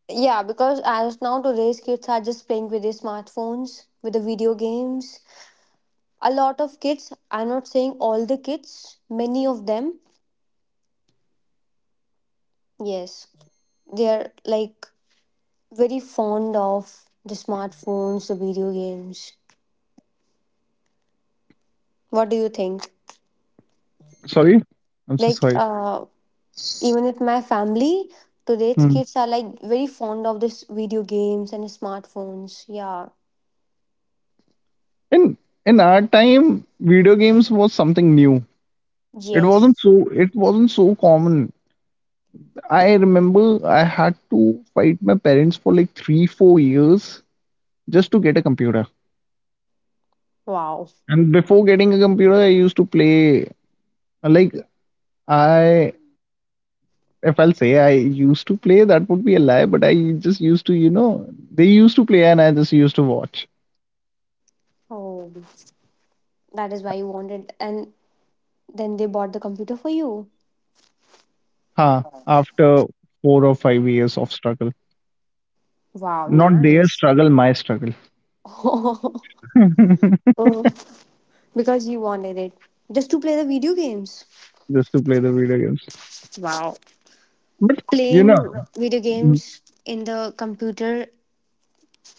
Speaker 2: Yeah, because as now today's kids are just playing with their smartphones, with the video games. A lot of kids, I'm not saying all the kids, many of them, yes, they are like very fond of the smartphones, the video games. What do you think?
Speaker 1: Sorry, I'm so
Speaker 2: Like,
Speaker 1: sorry.
Speaker 2: even with my family, today's
Speaker 1: Hmm.
Speaker 2: kids are like very fond of this video games and smartphones. Yeah.
Speaker 1: in in our time, video games was something new. it wasn't
Speaker 2: Yes.
Speaker 1: so it wasn't so common. I remember I had to fight my parents for like 3 4 years just to get a computer.
Speaker 2: Wow.
Speaker 1: And before getting a computer, I used to play. Like I if I'll say I used to play, that would be a lie, but I just used to, you know, they used to play and I just used to watch.
Speaker 2: Oh, that is why you wanted, and then they bought the computer for you.
Speaker 1: Huh. After 4 or 5 years of struggle,
Speaker 2: Wow,
Speaker 1: not their
Speaker 2: nice.
Speaker 1: struggle, my struggle.
Speaker 2: [LAUGHS] Oh,
Speaker 1: [LAUGHS]
Speaker 2: because you wanted it just to play the video games.
Speaker 1: Just to play the video games.
Speaker 2: Wow.
Speaker 1: But you
Speaker 2: Playing
Speaker 1: know,
Speaker 2: video games in the computer,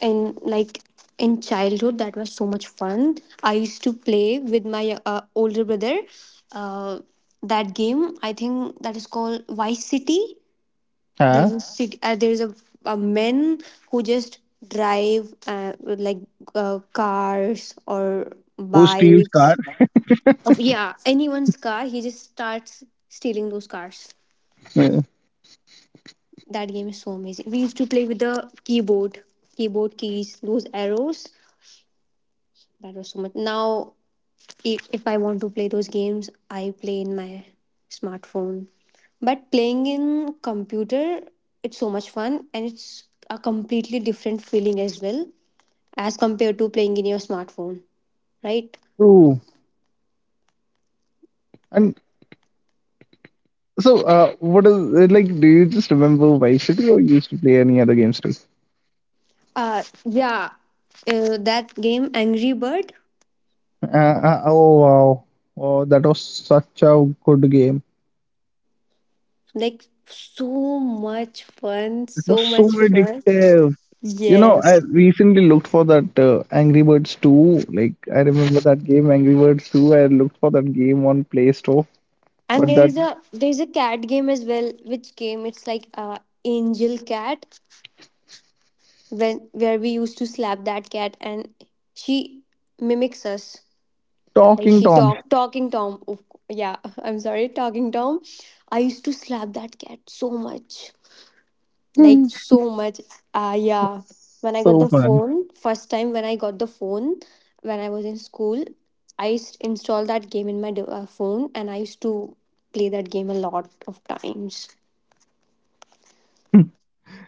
Speaker 2: and like in childhood that was so much fun. I used to play with my older brother, uh, that game I think that is called Vice City. There's
Speaker 1: Huh?
Speaker 2: a city, there's a men who just drive with, like cars or
Speaker 1: Who steals car?
Speaker 2: bikes, of yeah, anyone's car he just starts stealing those cars.
Speaker 1: Yeah.
Speaker 2: That game is so amazing. We used to play with the keyboard, keyboard keys, those arrows. That was so much. Now, I- if I want to play those games, I play in my smartphone. But playing in computer, it's so much fun and it's a completely different feeling as well as compared to playing in your smartphone, right?
Speaker 1: True. And so, what is it like? Do you just remember Vice City, or you used to play any other games too?
Speaker 2: Yeah, that game Angry Bird,
Speaker 1: Oh wow! Oh, that was such a good game.
Speaker 2: like so much fun,
Speaker 1: It was
Speaker 2: so
Speaker 1: so
Speaker 2: much fun.
Speaker 1: addictive. You know, I
Speaker 2: Yes.
Speaker 1: recently looked for that Angry Birds 2. Like, I remember that game, Angry Birds 2. I looked for that game on Play Store,
Speaker 2: And
Speaker 1: but
Speaker 2: there
Speaker 1: that
Speaker 2: is a, there is a cat game as well. Which game? It's like Angel Cat, when where we used to slap that cat and she mimics us, like
Speaker 1: Talking
Speaker 2: she
Speaker 1: Tom.
Speaker 2: talking Tom, oh, yeah, [LAUGHS] I'm sorry, Talking Tom. I used to slap that cat so much, like so much, ah
Speaker 1: [LAUGHS]
Speaker 2: yeah. When I got
Speaker 1: So
Speaker 2: the
Speaker 1: fun.
Speaker 2: phone, first time when I got the phone, when I was in school, I used installed that game in my phone and I used to play that game a lot of times.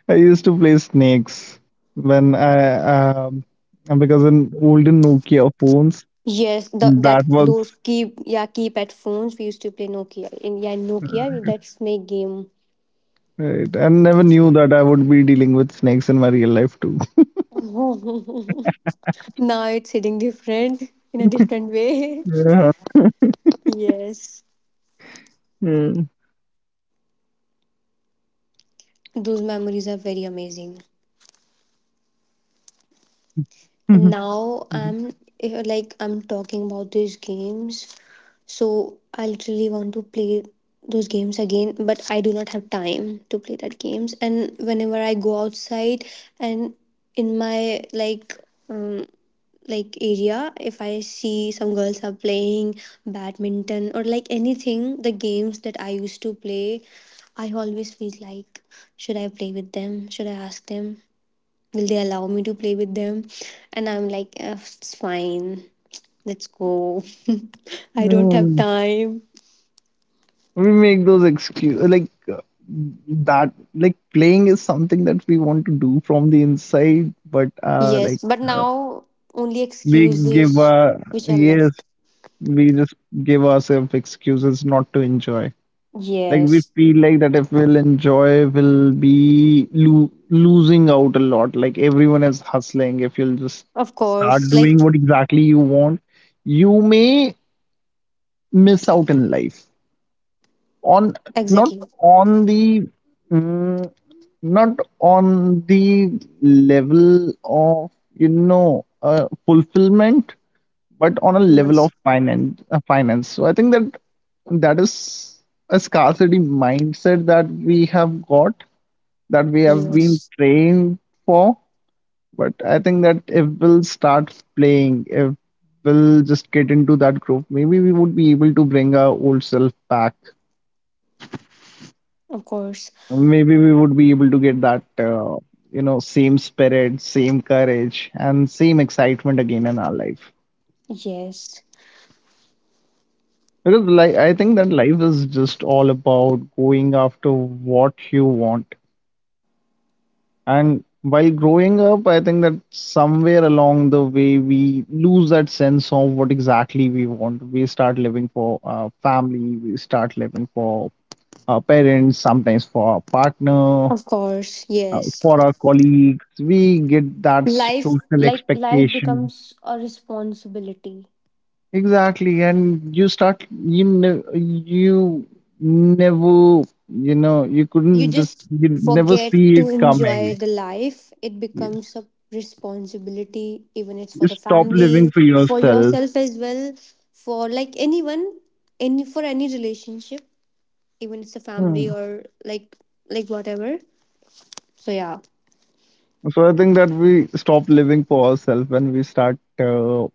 Speaker 1: I used to play snakes when I um because in olden Nokia phones
Speaker 2: Yes, the, that,
Speaker 1: that was
Speaker 2: those keep, yeah, keypad phones, we used to play Nokia in, yeah, Nokia with that snake game.
Speaker 1: it. I never knew that I would be dealing with snakes in my real life too.
Speaker 2: [LAUGHS] Now it's hitting different, in a different way. [LAUGHS]
Speaker 1: Yeah.
Speaker 2: Yes,
Speaker 1: Mm.
Speaker 2: those memories are very amazing. And
Speaker 1: [LAUGHS]
Speaker 2: now I'm eh, like I'm talking about these games. So I literally want to play those games again, but I do not have time to play that games. And whenever I go outside and in my um, like area, if I see some girls are playing badminton or like anything, the games that I used to play, I always feel like should I play with them? Should I ask them? Will they allow me to play with them? And I'm like, " It's fine. Let's go. [LAUGHS] I don't have
Speaker 1: Mm.
Speaker 2: time.
Speaker 1: We make those excuse like that like playing is something that we want to do from the inside, but
Speaker 2: Yes, but now only
Speaker 1: we give
Speaker 2: excuses which are
Speaker 1: yes,
Speaker 2: left.
Speaker 1: we just give ourselves excuses not to enjoy. Like we
Speaker 2: Yes,
Speaker 1: feel like that if we'll enjoy, we'll be lo losing out a lot. Like everyone is hustling. If you'll just
Speaker 2: of
Speaker 1: start
Speaker 2: course. Like,
Speaker 1: doing what exactly you want, you may miss out in life. On Not
Speaker 2: exactly.
Speaker 1: on the mm, not on the level of you know fulfillment, but on a level of
Speaker 2: Yes,
Speaker 1: finance, finance. So I think that that is a scarcity mindset that we have got, that we have been
Speaker 2: yes,
Speaker 1: trained for. But I think that if we'll start playing, if we'll just get into that group, maybe we would be able to bring our old self back,
Speaker 2: of course.
Speaker 1: maybe we would be able to get that same spirit, same courage, and same excitement again in our life.
Speaker 2: Yes,
Speaker 1: Because like I think that life is just all about going after what you want. And while growing up, I think that somewhere along the way we lose that sense of what exactly we want. We start living for our family, we start living for our parents, sometimes for our partner,
Speaker 2: of course. Yes.
Speaker 1: for our colleagues. We get that
Speaker 2: Life,
Speaker 1: social
Speaker 2: like, life
Speaker 1: expectation.
Speaker 2: becomes a responsibility.
Speaker 1: Exactly, and you never, you
Speaker 2: You
Speaker 1: couldn't just,
Speaker 2: just
Speaker 1: you never
Speaker 2: forget
Speaker 1: see it
Speaker 2: to enjoy
Speaker 1: coming.
Speaker 2: the life. It becomes
Speaker 1: Yes.
Speaker 2: a responsibility, even it's
Speaker 1: You
Speaker 2: for the
Speaker 1: stop living
Speaker 2: family,
Speaker 1: for
Speaker 2: for
Speaker 1: yourself.
Speaker 2: yourself as well, for like anyone, any for any relationship, even it's a family
Speaker 1: Hmm.
Speaker 2: or like whatever. So yeah,
Speaker 1: So I think that we stop living for ourselves when we start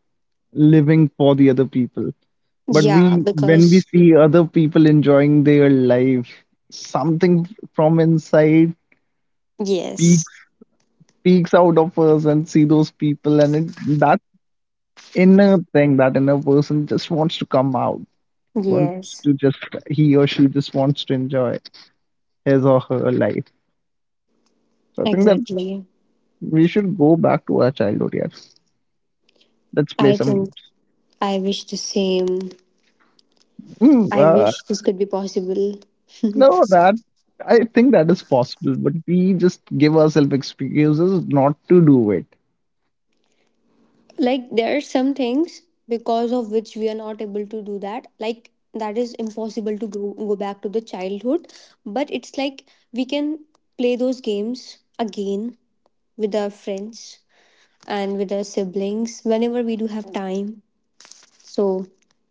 Speaker 1: living for the other people. But
Speaker 2: yeah,
Speaker 1: we, when we
Speaker 2: because
Speaker 1: see other people enjoying their life, something from inside
Speaker 2: yes,
Speaker 1: peeks, out of us and see those people, and it, that inner thing, that inner person just wants to come out, wants
Speaker 2: yes,
Speaker 1: to just, he or she just wants to enjoy his or her life. So I think that
Speaker 2: exactly,
Speaker 1: we should go back to our childhood here. Let's play
Speaker 2: I
Speaker 1: some
Speaker 2: think
Speaker 1: games.
Speaker 2: I wish the same.
Speaker 1: mm,
Speaker 2: I
Speaker 1: uh,
Speaker 2: wish this could be possible.
Speaker 1: no, that I think that is possible, but we just give ourselves excuses not to do it.
Speaker 2: Like there are some things because of which we are not able to do that. Like that is impossible to go back to the childhood, but it's like we can play those games again with our friends and with our siblings whenever we do have time. So,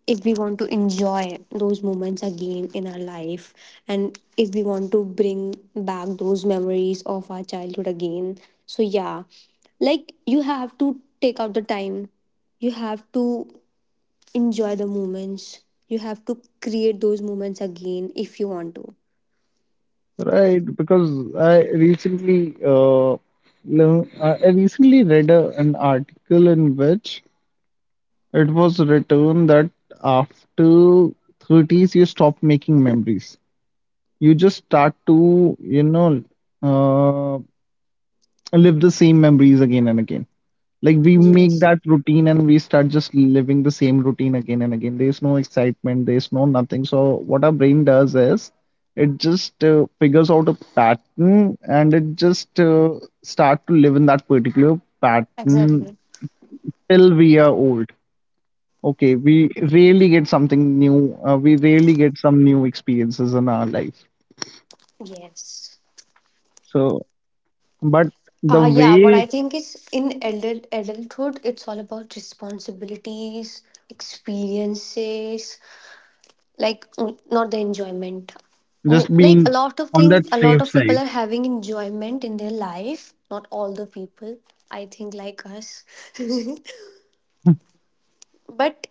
Speaker 2: if we want to enjoy those moments again in our life, and if we want to bring back those memories of our childhood again, so yeah, like you have to take out the time, you have to enjoy the moments, you have to create those moments again if you want to.
Speaker 1: Right, because I recently learn- I recently read a, an article in which it was written that after 30s, you stop making memories. You just start to, you know, uh, live the same memories again and again. Like we make
Speaker 2: Yes,
Speaker 1: that routine and we start just living the same routine again and again. There's no excitement, there's no nothing. So, what our brain does is it just figures out a pattern and it just start to live in that particular pattern
Speaker 2: exactly.
Speaker 1: till we are old. Okay, we rarely get something new, we rarely get some new experiences in our life.
Speaker 2: Yes.
Speaker 1: So but the
Speaker 2: Yeah, what
Speaker 1: way,
Speaker 2: I think is in adulthood, it's all about responsibilities, experiences, like not the enjoyment.
Speaker 1: just
Speaker 2: Like a
Speaker 1: being
Speaker 2: lot of
Speaker 1: on that
Speaker 2: thing a lot
Speaker 1: safe
Speaker 2: of people
Speaker 1: side.
Speaker 2: are having enjoyment in their life, not all the people. I think like us. [LAUGHS]
Speaker 1: [LAUGHS]
Speaker 2: But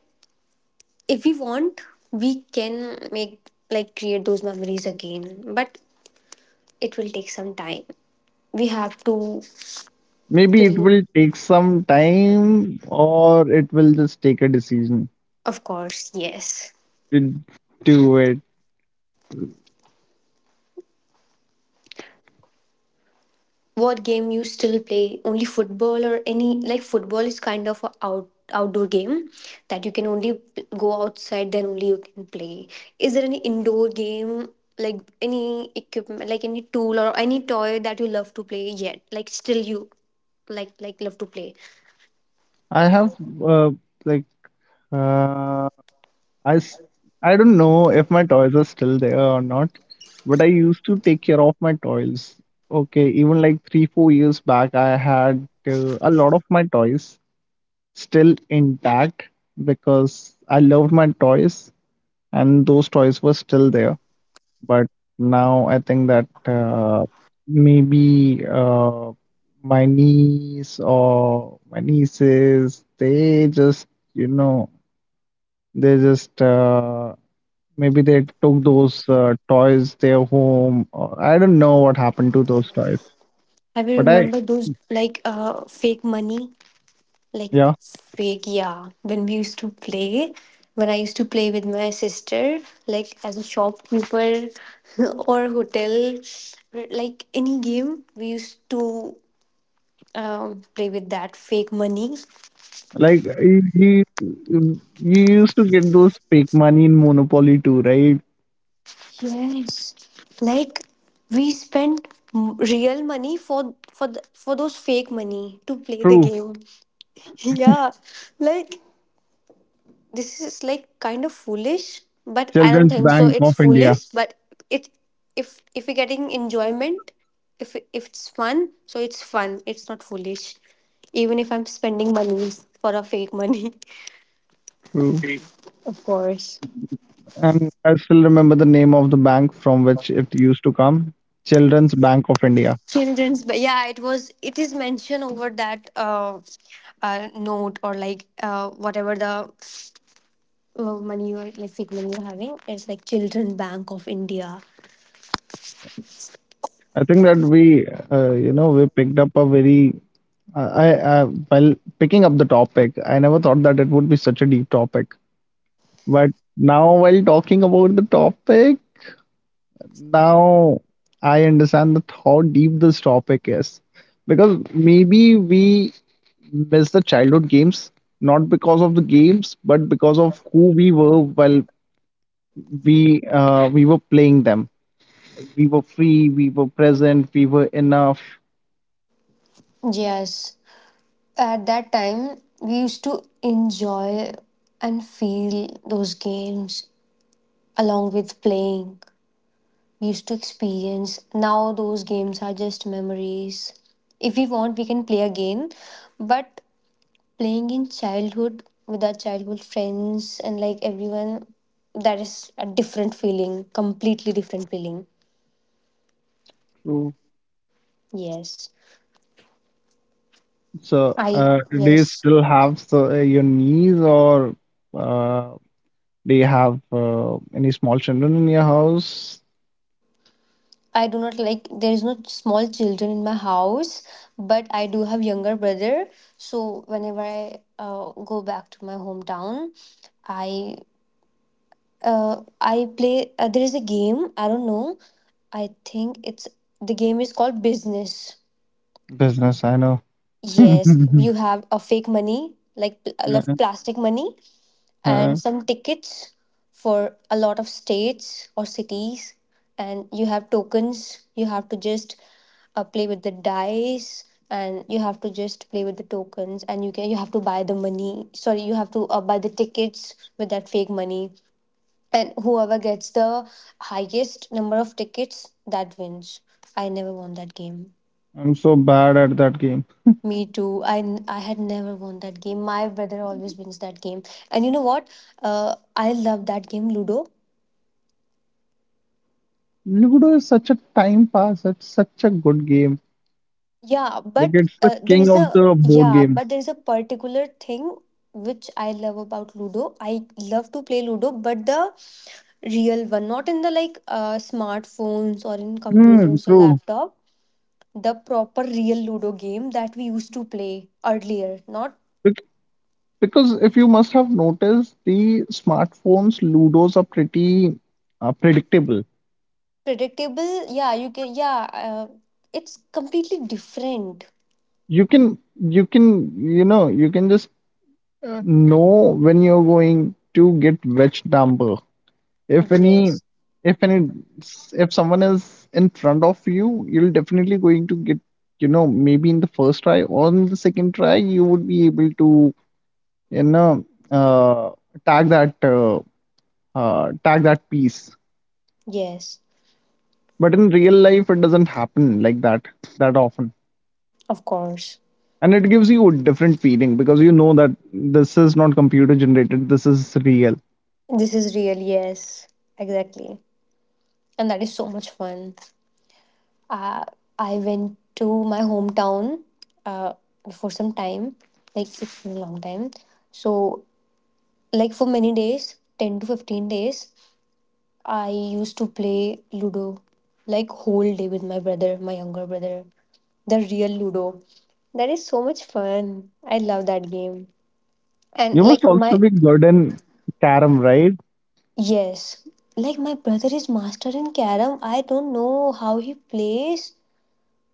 Speaker 2: if we want, we can make like create those memories again, but it will take some time. We have to
Speaker 1: Maybe it
Speaker 2: create,
Speaker 1: will take some time, or it will just take a decision
Speaker 2: of course, yes.
Speaker 1: to do it.
Speaker 2: What game you still play? Only football or any like football is kind of a outdoor game that you can only go outside, then only you can play. Is there any indoor game, like any equipment, like any tool or any toy that you love to play yet? Like still you like love to play.
Speaker 1: I have uh, like uh, I, s- I don't know if my toys are still there or not, but I used to take care of my toys. Okay, even like three, 4 years back, I had a lot of my toys still intact, because I loved my toys and those toys were still there. But now I think that maybe my niece or
Speaker 2: Mm-hmm.
Speaker 1: my nieces, they
Speaker 2: Money.
Speaker 1: just, you know, they just maybe they took those toys their home. Or I don't know what happened to those toys.
Speaker 2: Have you
Speaker 1: But I,
Speaker 2: remembered those like fake money? Like
Speaker 1: yeah,
Speaker 2: fake, yeah. When we used to play, when I used to play with my sister, like as a shopkeeper, [LAUGHS] or hotel, like any game, we used to play with that fake money.
Speaker 1: like you used to get those fake money in Monopoly too, right?
Speaker 2: Yes, like we spent real money for for those fake money to play the
Speaker 1: True.
Speaker 2: game. [LAUGHS] Yeah, like this is like kind of foolish, but I don't
Speaker 1: Children's
Speaker 2: think so
Speaker 1: Bank of
Speaker 2: it's
Speaker 1: India.
Speaker 2: foolish. But it, if we're getting enjoyment, if it's fun, so it's fun, it's not foolish, even if I'm spending money for a fake money. [LAUGHS]
Speaker 1: True.
Speaker 2: Of course.
Speaker 1: And I still remember the name of the bank from which it used to come. Children's Bank of India.
Speaker 2: Children's, but yeah, it was, it is mentioned over that note, or like whatever the money you're like fake money you're having, it's like Children Bank of India.
Speaker 1: I think that we, we picked up a very, I while picking up the topic, I never thought that it would be such a deep topic. But now, while talking about the topic, now I understand that how deep this topic is. Because maybe we miss the childhood games, not because of the games, but because of who we were while we were playing them. We were free, we were present, we were enough.
Speaker 2: Yes. At that time, we used to enjoy and feel those games along with playing. We used to experience. Now, those games are just memories. If we want, we can play again. But playing in childhood with our childhood friends and like everyone, that is a different feeling, completely different feeling. Yes.
Speaker 1: So,
Speaker 2: I,
Speaker 1: do you
Speaker 2: yes.
Speaker 1: still have so, your niece, or uh, do you have any small children in your house?
Speaker 2: I do not like there is no small children in my house, but I do have younger brother. So whenever I go back to my hometown, I I play. There is a game. I don't know. I think it's the game is called Business.
Speaker 1: Business, I know.
Speaker 2: Yes,
Speaker 1: [LAUGHS]
Speaker 2: you have a fake money like left plastic money,
Speaker 1: Uh,
Speaker 2: and some tickets for a lot of states or cities, and you have tokens. You have to just play with the dice, and you have to just play with the tokens, and you have to buy the money, sorry, you have to buy the tickets with that fake money, and whoever gets the highest number of tickets that wins. I never won that game.
Speaker 1: I'm so bad at that game.
Speaker 2: Me too. I had never won that game. My brother always wins that game. And you know what, I love that game Ludo.
Speaker 1: Ludo is such a time pass. It's such a good game.
Speaker 2: Yeah,
Speaker 1: Like
Speaker 2: but
Speaker 1: it's the king
Speaker 2: there's
Speaker 1: of
Speaker 2: a
Speaker 1: the board
Speaker 2: yeah,
Speaker 1: games.
Speaker 2: but there's a particular thing which I love about Ludo. I love to play Ludo, but the real one, not in the like smartphones or in
Speaker 1: Hmm,
Speaker 2: computers or
Speaker 1: true.
Speaker 2: laptop. The proper real Ludo game that we used to play earlier, not
Speaker 1: Bec- because if you must have noticed, the smartphones Ludos are pretty predictable.
Speaker 2: predictable. Yeah, you can. Yeah, it's completely different.
Speaker 1: You can you know you can just know when you're going to get which number. If any,
Speaker 2: Yes,
Speaker 1: if any, if someone is in front of you, you'll definitely going to get, you know, maybe in the first try or in the second try, you would be able to, you know, uh, tag that, uh, tag that piece.
Speaker 2: yes,
Speaker 1: But in real life, it doesn't happen like that that often.
Speaker 2: of course.
Speaker 1: And it gives you a different feeling because you know that this is not computer generated, this is real.
Speaker 2: This is real. Yes, exactly, and that is so much fun. Uh, I went to my hometown uh, for some time, like it's been a long time. So, like for many days, 10 to 15 days, I used to play Ludo like whole day with my brother, my younger brother, the real Ludo. That is so much fun. I love that game. And
Speaker 1: You must
Speaker 2: like
Speaker 1: also
Speaker 2: my
Speaker 1: be good in carom, right?
Speaker 2: yes, like my brother is master in carom. I don't know how he plays.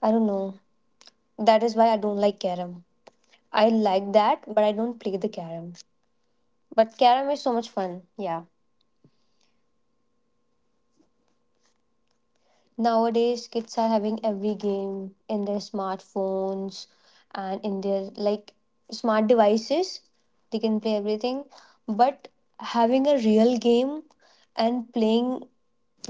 Speaker 2: I don't know. That is why I don't like carom. I like that, but I don't play the carom. But carom is so much fun. Yeah. Nowadays, kids are having every game in their smartphones and in their like smart devices. They can play everything. But having a real game and playing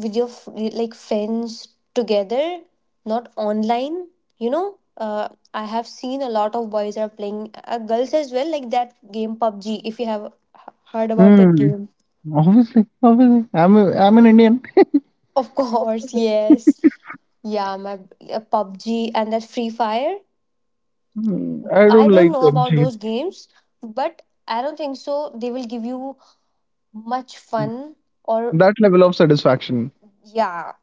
Speaker 2: with your like friends together, not online, you know. I have seen a lot of boys are playing, girls as well, like that game PUBG. If you have heard about that
Speaker 1: Mm,
Speaker 2: game,
Speaker 1: obviously, obviously. I'm an Indian.
Speaker 2: of [LAUGHS] course, yes. Yeah, my PUBG and that Free Fire.
Speaker 1: Mm, I
Speaker 2: I
Speaker 1: don't
Speaker 2: don't
Speaker 1: like
Speaker 2: know about
Speaker 1: PUBG.
Speaker 2: those games, but I don't think so. They will give you much fun or,
Speaker 1: That level of satisfaction.
Speaker 2: yeah,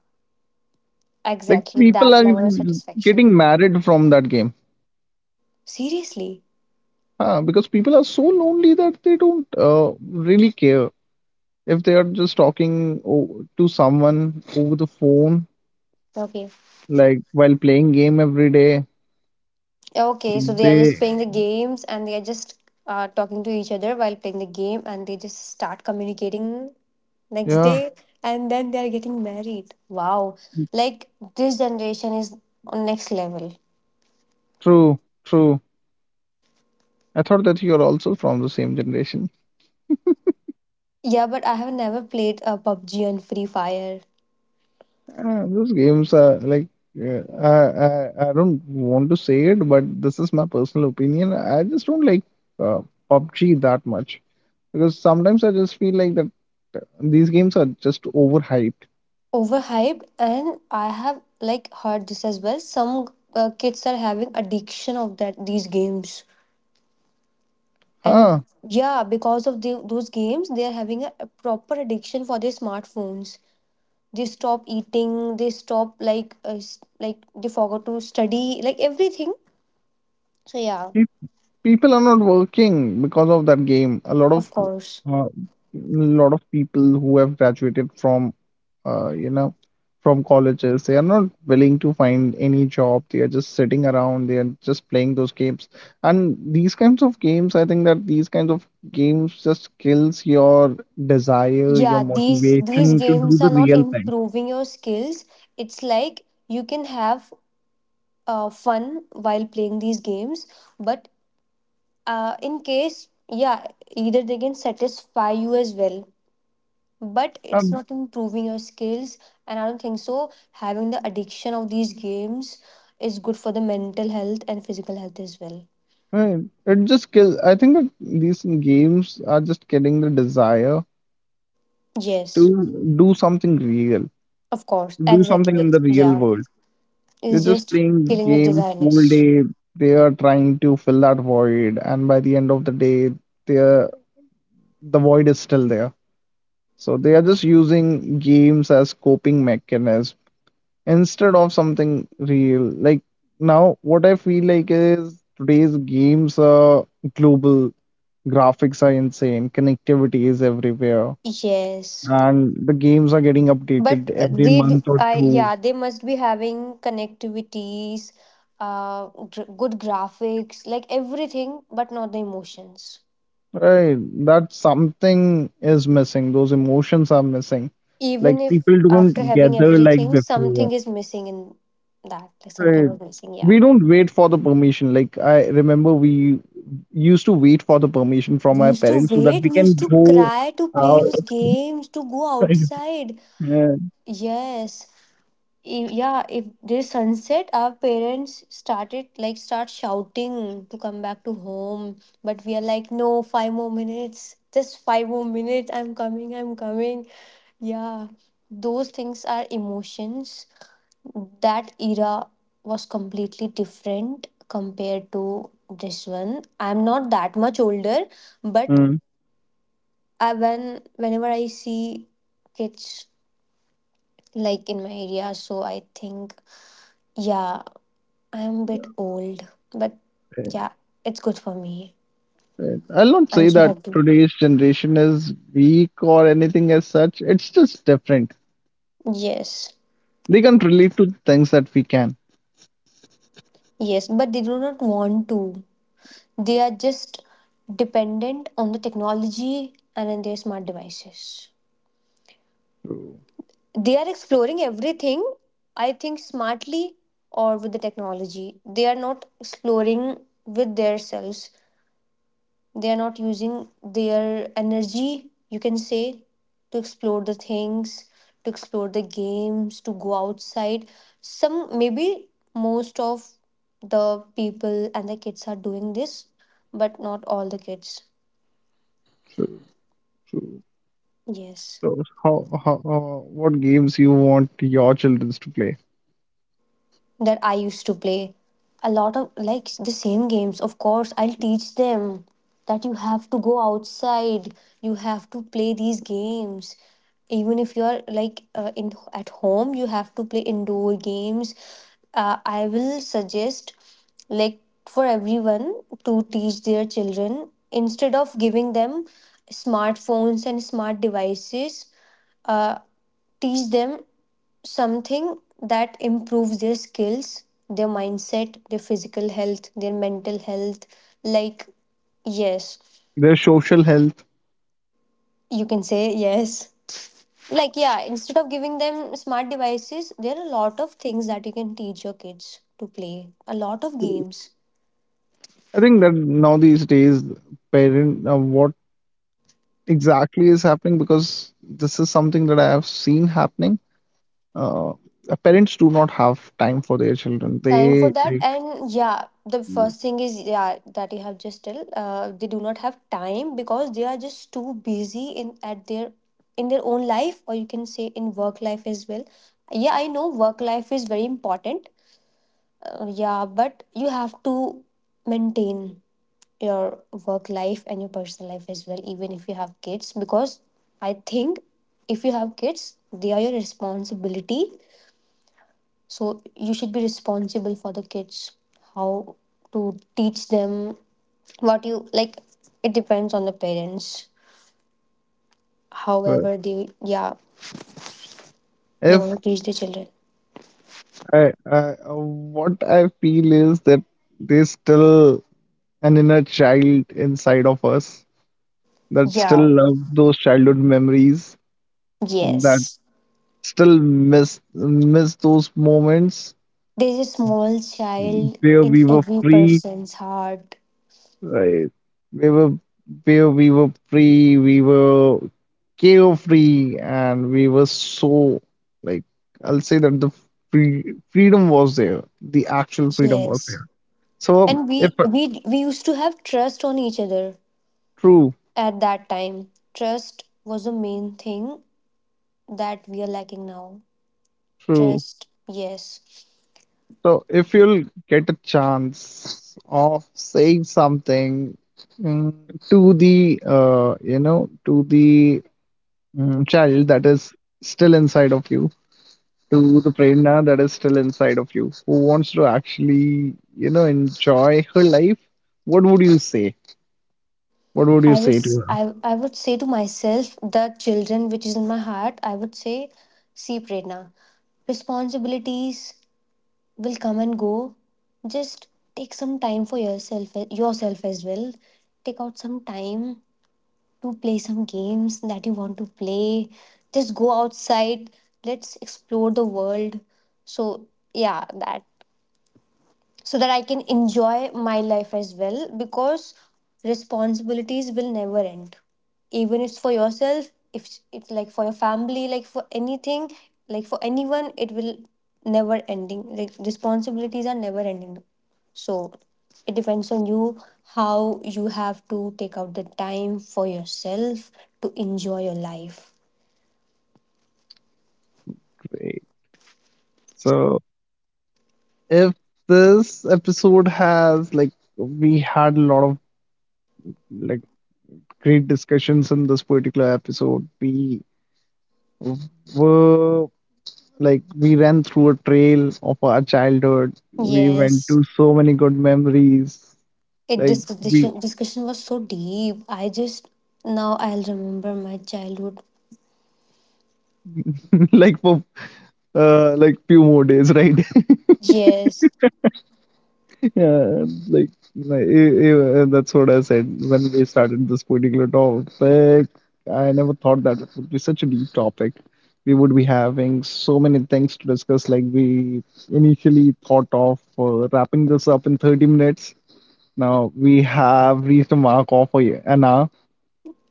Speaker 1: Like
Speaker 2: exactly
Speaker 1: people
Speaker 2: that
Speaker 1: are
Speaker 2: level of satisfaction.
Speaker 1: getting married from that game.
Speaker 2: Seriously.
Speaker 1: Huh, because people are so lonely that they don't really care if they are just talking to someone over the phone,
Speaker 2: Okay.
Speaker 1: like while playing game every day.
Speaker 2: Okay, so they are just
Speaker 1: They
Speaker 2: playing the games, and they are just talking to each other while playing the game, and they just start communicating next
Speaker 1: yeah,
Speaker 2: day, and then they are getting married. Wow. Like this generation is on next level.
Speaker 1: true, true. I thought that you're also from the same generation.
Speaker 2: Yeah, but I have never played a PUBG and Free Fire.
Speaker 1: Those games are like I don't want to say it, but this is my personal opinion. I just don't like uh, PUBG that much because sometimes I just feel like that these games are just overhyped.
Speaker 2: Overhyped. And I have like heard this as well. Some kids are having addiction of that these games. And
Speaker 1: Huh?
Speaker 2: yeah, because of those games, they are having a proper addiction for their smartphones. They stop eating, they stop like like they forgot to study, like everything. So yeah,
Speaker 1: People are not working because of that game. A
Speaker 2: of course.
Speaker 1: uh, lot of people who have graduated from uh, you know from colleges, they are not willing to find any job, they are just sitting around, they are just playing those games. And these kinds of games, I think that these kinds of games just kills your desire, your
Speaker 2: Yeah, these
Speaker 1: motivation to do
Speaker 2: games
Speaker 1: the
Speaker 2: are not
Speaker 1: real thing.
Speaker 2: improving your skills. It's like you can have fun while playing these games, but in case yeah, either they can satisfy you as well, but it's
Speaker 1: um,
Speaker 2: not improving your skills. And I don't think so having the addiction of these games is good for the mental health and physical health as well.
Speaker 1: right. It just kills. I think that these games are just killing the desire to
Speaker 2: Yes,
Speaker 1: do something real,
Speaker 2: of course,
Speaker 1: do something
Speaker 2: exactly.
Speaker 1: in the real
Speaker 2: Yeah,
Speaker 1: world. They're
Speaker 2: it's
Speaker 1: just
Speaker 2: just
Speaker 1: playing
Speaker 2: killing the
Speaker 1: game whole
Speaker 2: designers.
Speaker 1: day. They are trying to fill that void, and by the end of the day, they're, the void is still there. So they are just using games as coping mechanism instead of something real. Like now, what I feel like is today's games are global, graphics are insane, connectivity is everywhere,
Speaker 2: Yes,
Speaker 1: and the games are getting updated
Speaker 2: but
Speaker 1: every
Speaker 2: they do.
Speaker 1: month or
Speaker 2: I
Speaker 1: two.
Speaker 2: yeah, they must be having connectivities, good graphics, like everything, but not the emotions.
Speaker 1: Right, that something is missing. Those emotions are missing. Like
Speaker 2: Even if
Speaker 1: people
Speaker 2: after
Speaker 1: don't
Speaker 2: having
Speaker 1: gather like
Speaker 2: everything,
Speaker 1: before.
Speaker 2: something is missing in that. Like something
Speaker 1: Right.
Speaker 2: was missing. Yeah.
Speaker 1: We don't wait for the permission. Like I remember we used to wait for the permission from
Speaker 2: We
Speaker 1: our
Speaker 2: used to
Speaker 1: parents, so that
Speaker 2: wait,
Speaker 1: we
Speaker 2: we
Speaker 1: can
Speaker 2: used to
Speaker 1: go
Speaker 2: cry to play
Speaker 1: out.
Speaker 2: those games, to go
Speaker 1: [LAUGHS]
Speaker 2: outside.
Speaker 1: Yeah.
Speaker 2: Yes, yeah, if there's sunset, our parents started like start shouting to come back to home, but we are like, no, five more minutes, just five more minutes, I'm coming, I'm coming. Yeah, those things are emotions. That era was completely different compared to this one. I'm not that much older, but
Speaker 1: Mm.
Speaker 2: I, when whenever I see kids like in my area, so I think, yeah, I'm a bit old, but yeah, it's good for me.
Speaker 1: Right. I'll not
Speaker 2: I'm
Speaker 1: say
Speaker 2: so
Speaker 1: that
Speaker 2: happy.
Speaker 1: today's generation is weak or anything as such. It's just different.
Speaker 2: Yes,
Speaker 1: They can't relate to things that we can.
Speaker 2: yes, but they do not want to. They are just dependent on the technology and on their smart devices.
Speaker 1: True,
Speaker 2: They are exploring everything, I think, smartly or with the technology. They are not exploring with themselves. They are not using their energy, you can say, to explore the things, to explore the games, to go outside. Some maybe most of the people and the kids are doing this, but not all the kids.
Speaker 1: true, true.
Speaker 2: Yes,
Speaker 1: So how what games you want your children to play?
Speaker 2: that I used to play. A lot of like the same games. Of course, I'll teach them that you have to go outside, you have to play these games. Even if you're like in at home, you have to play indoor games. I will suggest like for everyone to teach their children instead of giving them smartphones and smart devices, uh, teach them something that improves their skills, their mindset, their physical health, their mental health. Like, yes,
Speaker 1: Their social health.
Speaker 2: you can say yes. Like, yeah, instead of giving them smart devices, there are a lot of things that you can teach your kids to play, a lot of games.
Speaker 1: I think that now these days, what exactly is happening? Because this is something that I have seen happening. Uh, Parents do not have time for their children.
Speaker 2: Time for
Speaker 1: They
Speaker 2: that,
Speaker 1: like
Speaker 2: and yeah, the first thing is yeah, that you have just tell they do not have time because they are just too busy in at their in their own life, or you can say in work life as well. Yeah, I know work life is very important. Yeah, but you have to maintain your work life and your personal life as well, even if you have kids, because I think if you have kids, they are your responsibility, so you should be responsible for the kids, how to teach them what you like. It depends on the parents.
Speaker 1: uh,
Speaker 2: However, they yeah they want
Speaker 1: if
Speaker 2: to teach the children.
Speaker 1: I what I feel is that there's still an inner child inside of us that still
Speaker 2: Yeah.
Speaker 1: love those childhood memories that
Speaker 2: Yes.
Speaker 1: still miss those moments
Speaker 2: There's a small child
Speaker 1: where
Speaker 2: in
Speaker 1: we were
Speaker 2: every
Speaker 1: free.
Speaker 2: person's heart.
Speaker 1: Right. We were Where we were free. We were carefree, and we were so like, I'll say that the freedom was there. The actual freedom was
Speaker 2: Yes.
Speaker 1: there. So
Speaker 2: And
Speaker 1: if
Speaker 2: we used to have trust on each other
Speaker 1: true,
Speaker 2: at that time. Trust was the main thing that we are lacking now.
Speaker 1: true.
Speaker 2: Trust. Yes.
Speaker 1: So if you'll get a chance of saying something, to the to the child that is still inside of you, to the prerna that is still inside of you, who wants to actually, you know, enjoy her life, what would you say? What would you
Speaker 2: I would
Speaker 1: say to her?
Speaker 2: I would say to myself, the children which is in my heart, I would say, see Prerna, responsibilities will come and go. Just take some time for yourself, yourself as well. Take out some time to play some games that you want to play. Just go outside. Let's explore the world. So yeah, that so that I can enjoy my life as well, because responsibilities will never end. Even if it's for yourself, if it's like for your family, like for anything, like for anyone, it will never ending. Like responsibilities are never ending. So it depends on you how you have to take out the time for yourself to enjoy your life.
Speaker 1: Great. So if this episode has, like, we had a lot of like great discussions in this particular episode, we were like, we ran through a trail of our childhood, we went
Speaker 2: Yes,
Speaker 1: to so many good memories,
Speaker 2: it
Speaker 1: like
Speaker 2: this
Speaker 1: we,
Speaker 2: discussion was so deep. I just now I'll remember my childhood.
Speaker 1: [LAUGHS] like for like few more days, right? [LAUGHS]
Speaker 2: Yes,
Speaker 1: Yeah, like that's what I said when we started this particular topic. I never thought that it would be such a deep topic. We would be having so many things to discuss. Like we initially thought of wrapping this up in 30 minutes. Now we have reached a mark of an hour.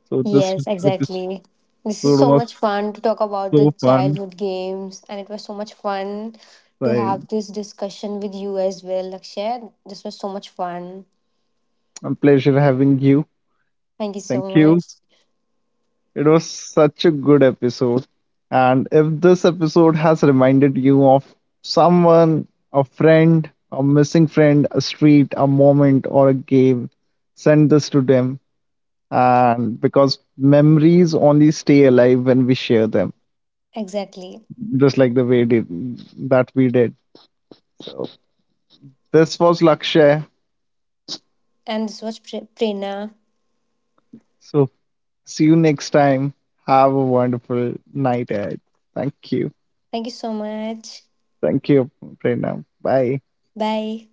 Speaker 1: So this
Speaker 2: yes,
Speaker 1: episode
Speaker 2: exactly. This is so
Speaker 1: was
Speaker 2: much
Speaker 1: so
Speaker 2: fun to talk about the
Speaker 1: so fun.
Speaker 2: childhood games, and it was so much fun to
Speaker 1: Like,
Speaker 2: have this discussion with you as well, Lakshay. This was so much fun.
Speaker 1: a pleasure having you.
Speaker 2: Thank you so
Speaker 1: Thank you.
Speaker 2: much.
Speaker 1: It was such a good episode. And if this episode has reminded you of someone, a friend, a missing friend, a street, a moment, or a game, send this to them. And because memories only stay alive when we share them,
Speaker 2: Exactly.
Speaker 1: just like the way did, that we did. So, this was Lakshay.
Speaker 2: And this was Prerna.
Speaker 1: So, see you next time. Have a wonderful night ahead. Thank you.
Speaker 2: Thank you so much.
Speaker 1: Thank you, Prerna. Bye.
Speaker 2: Bye.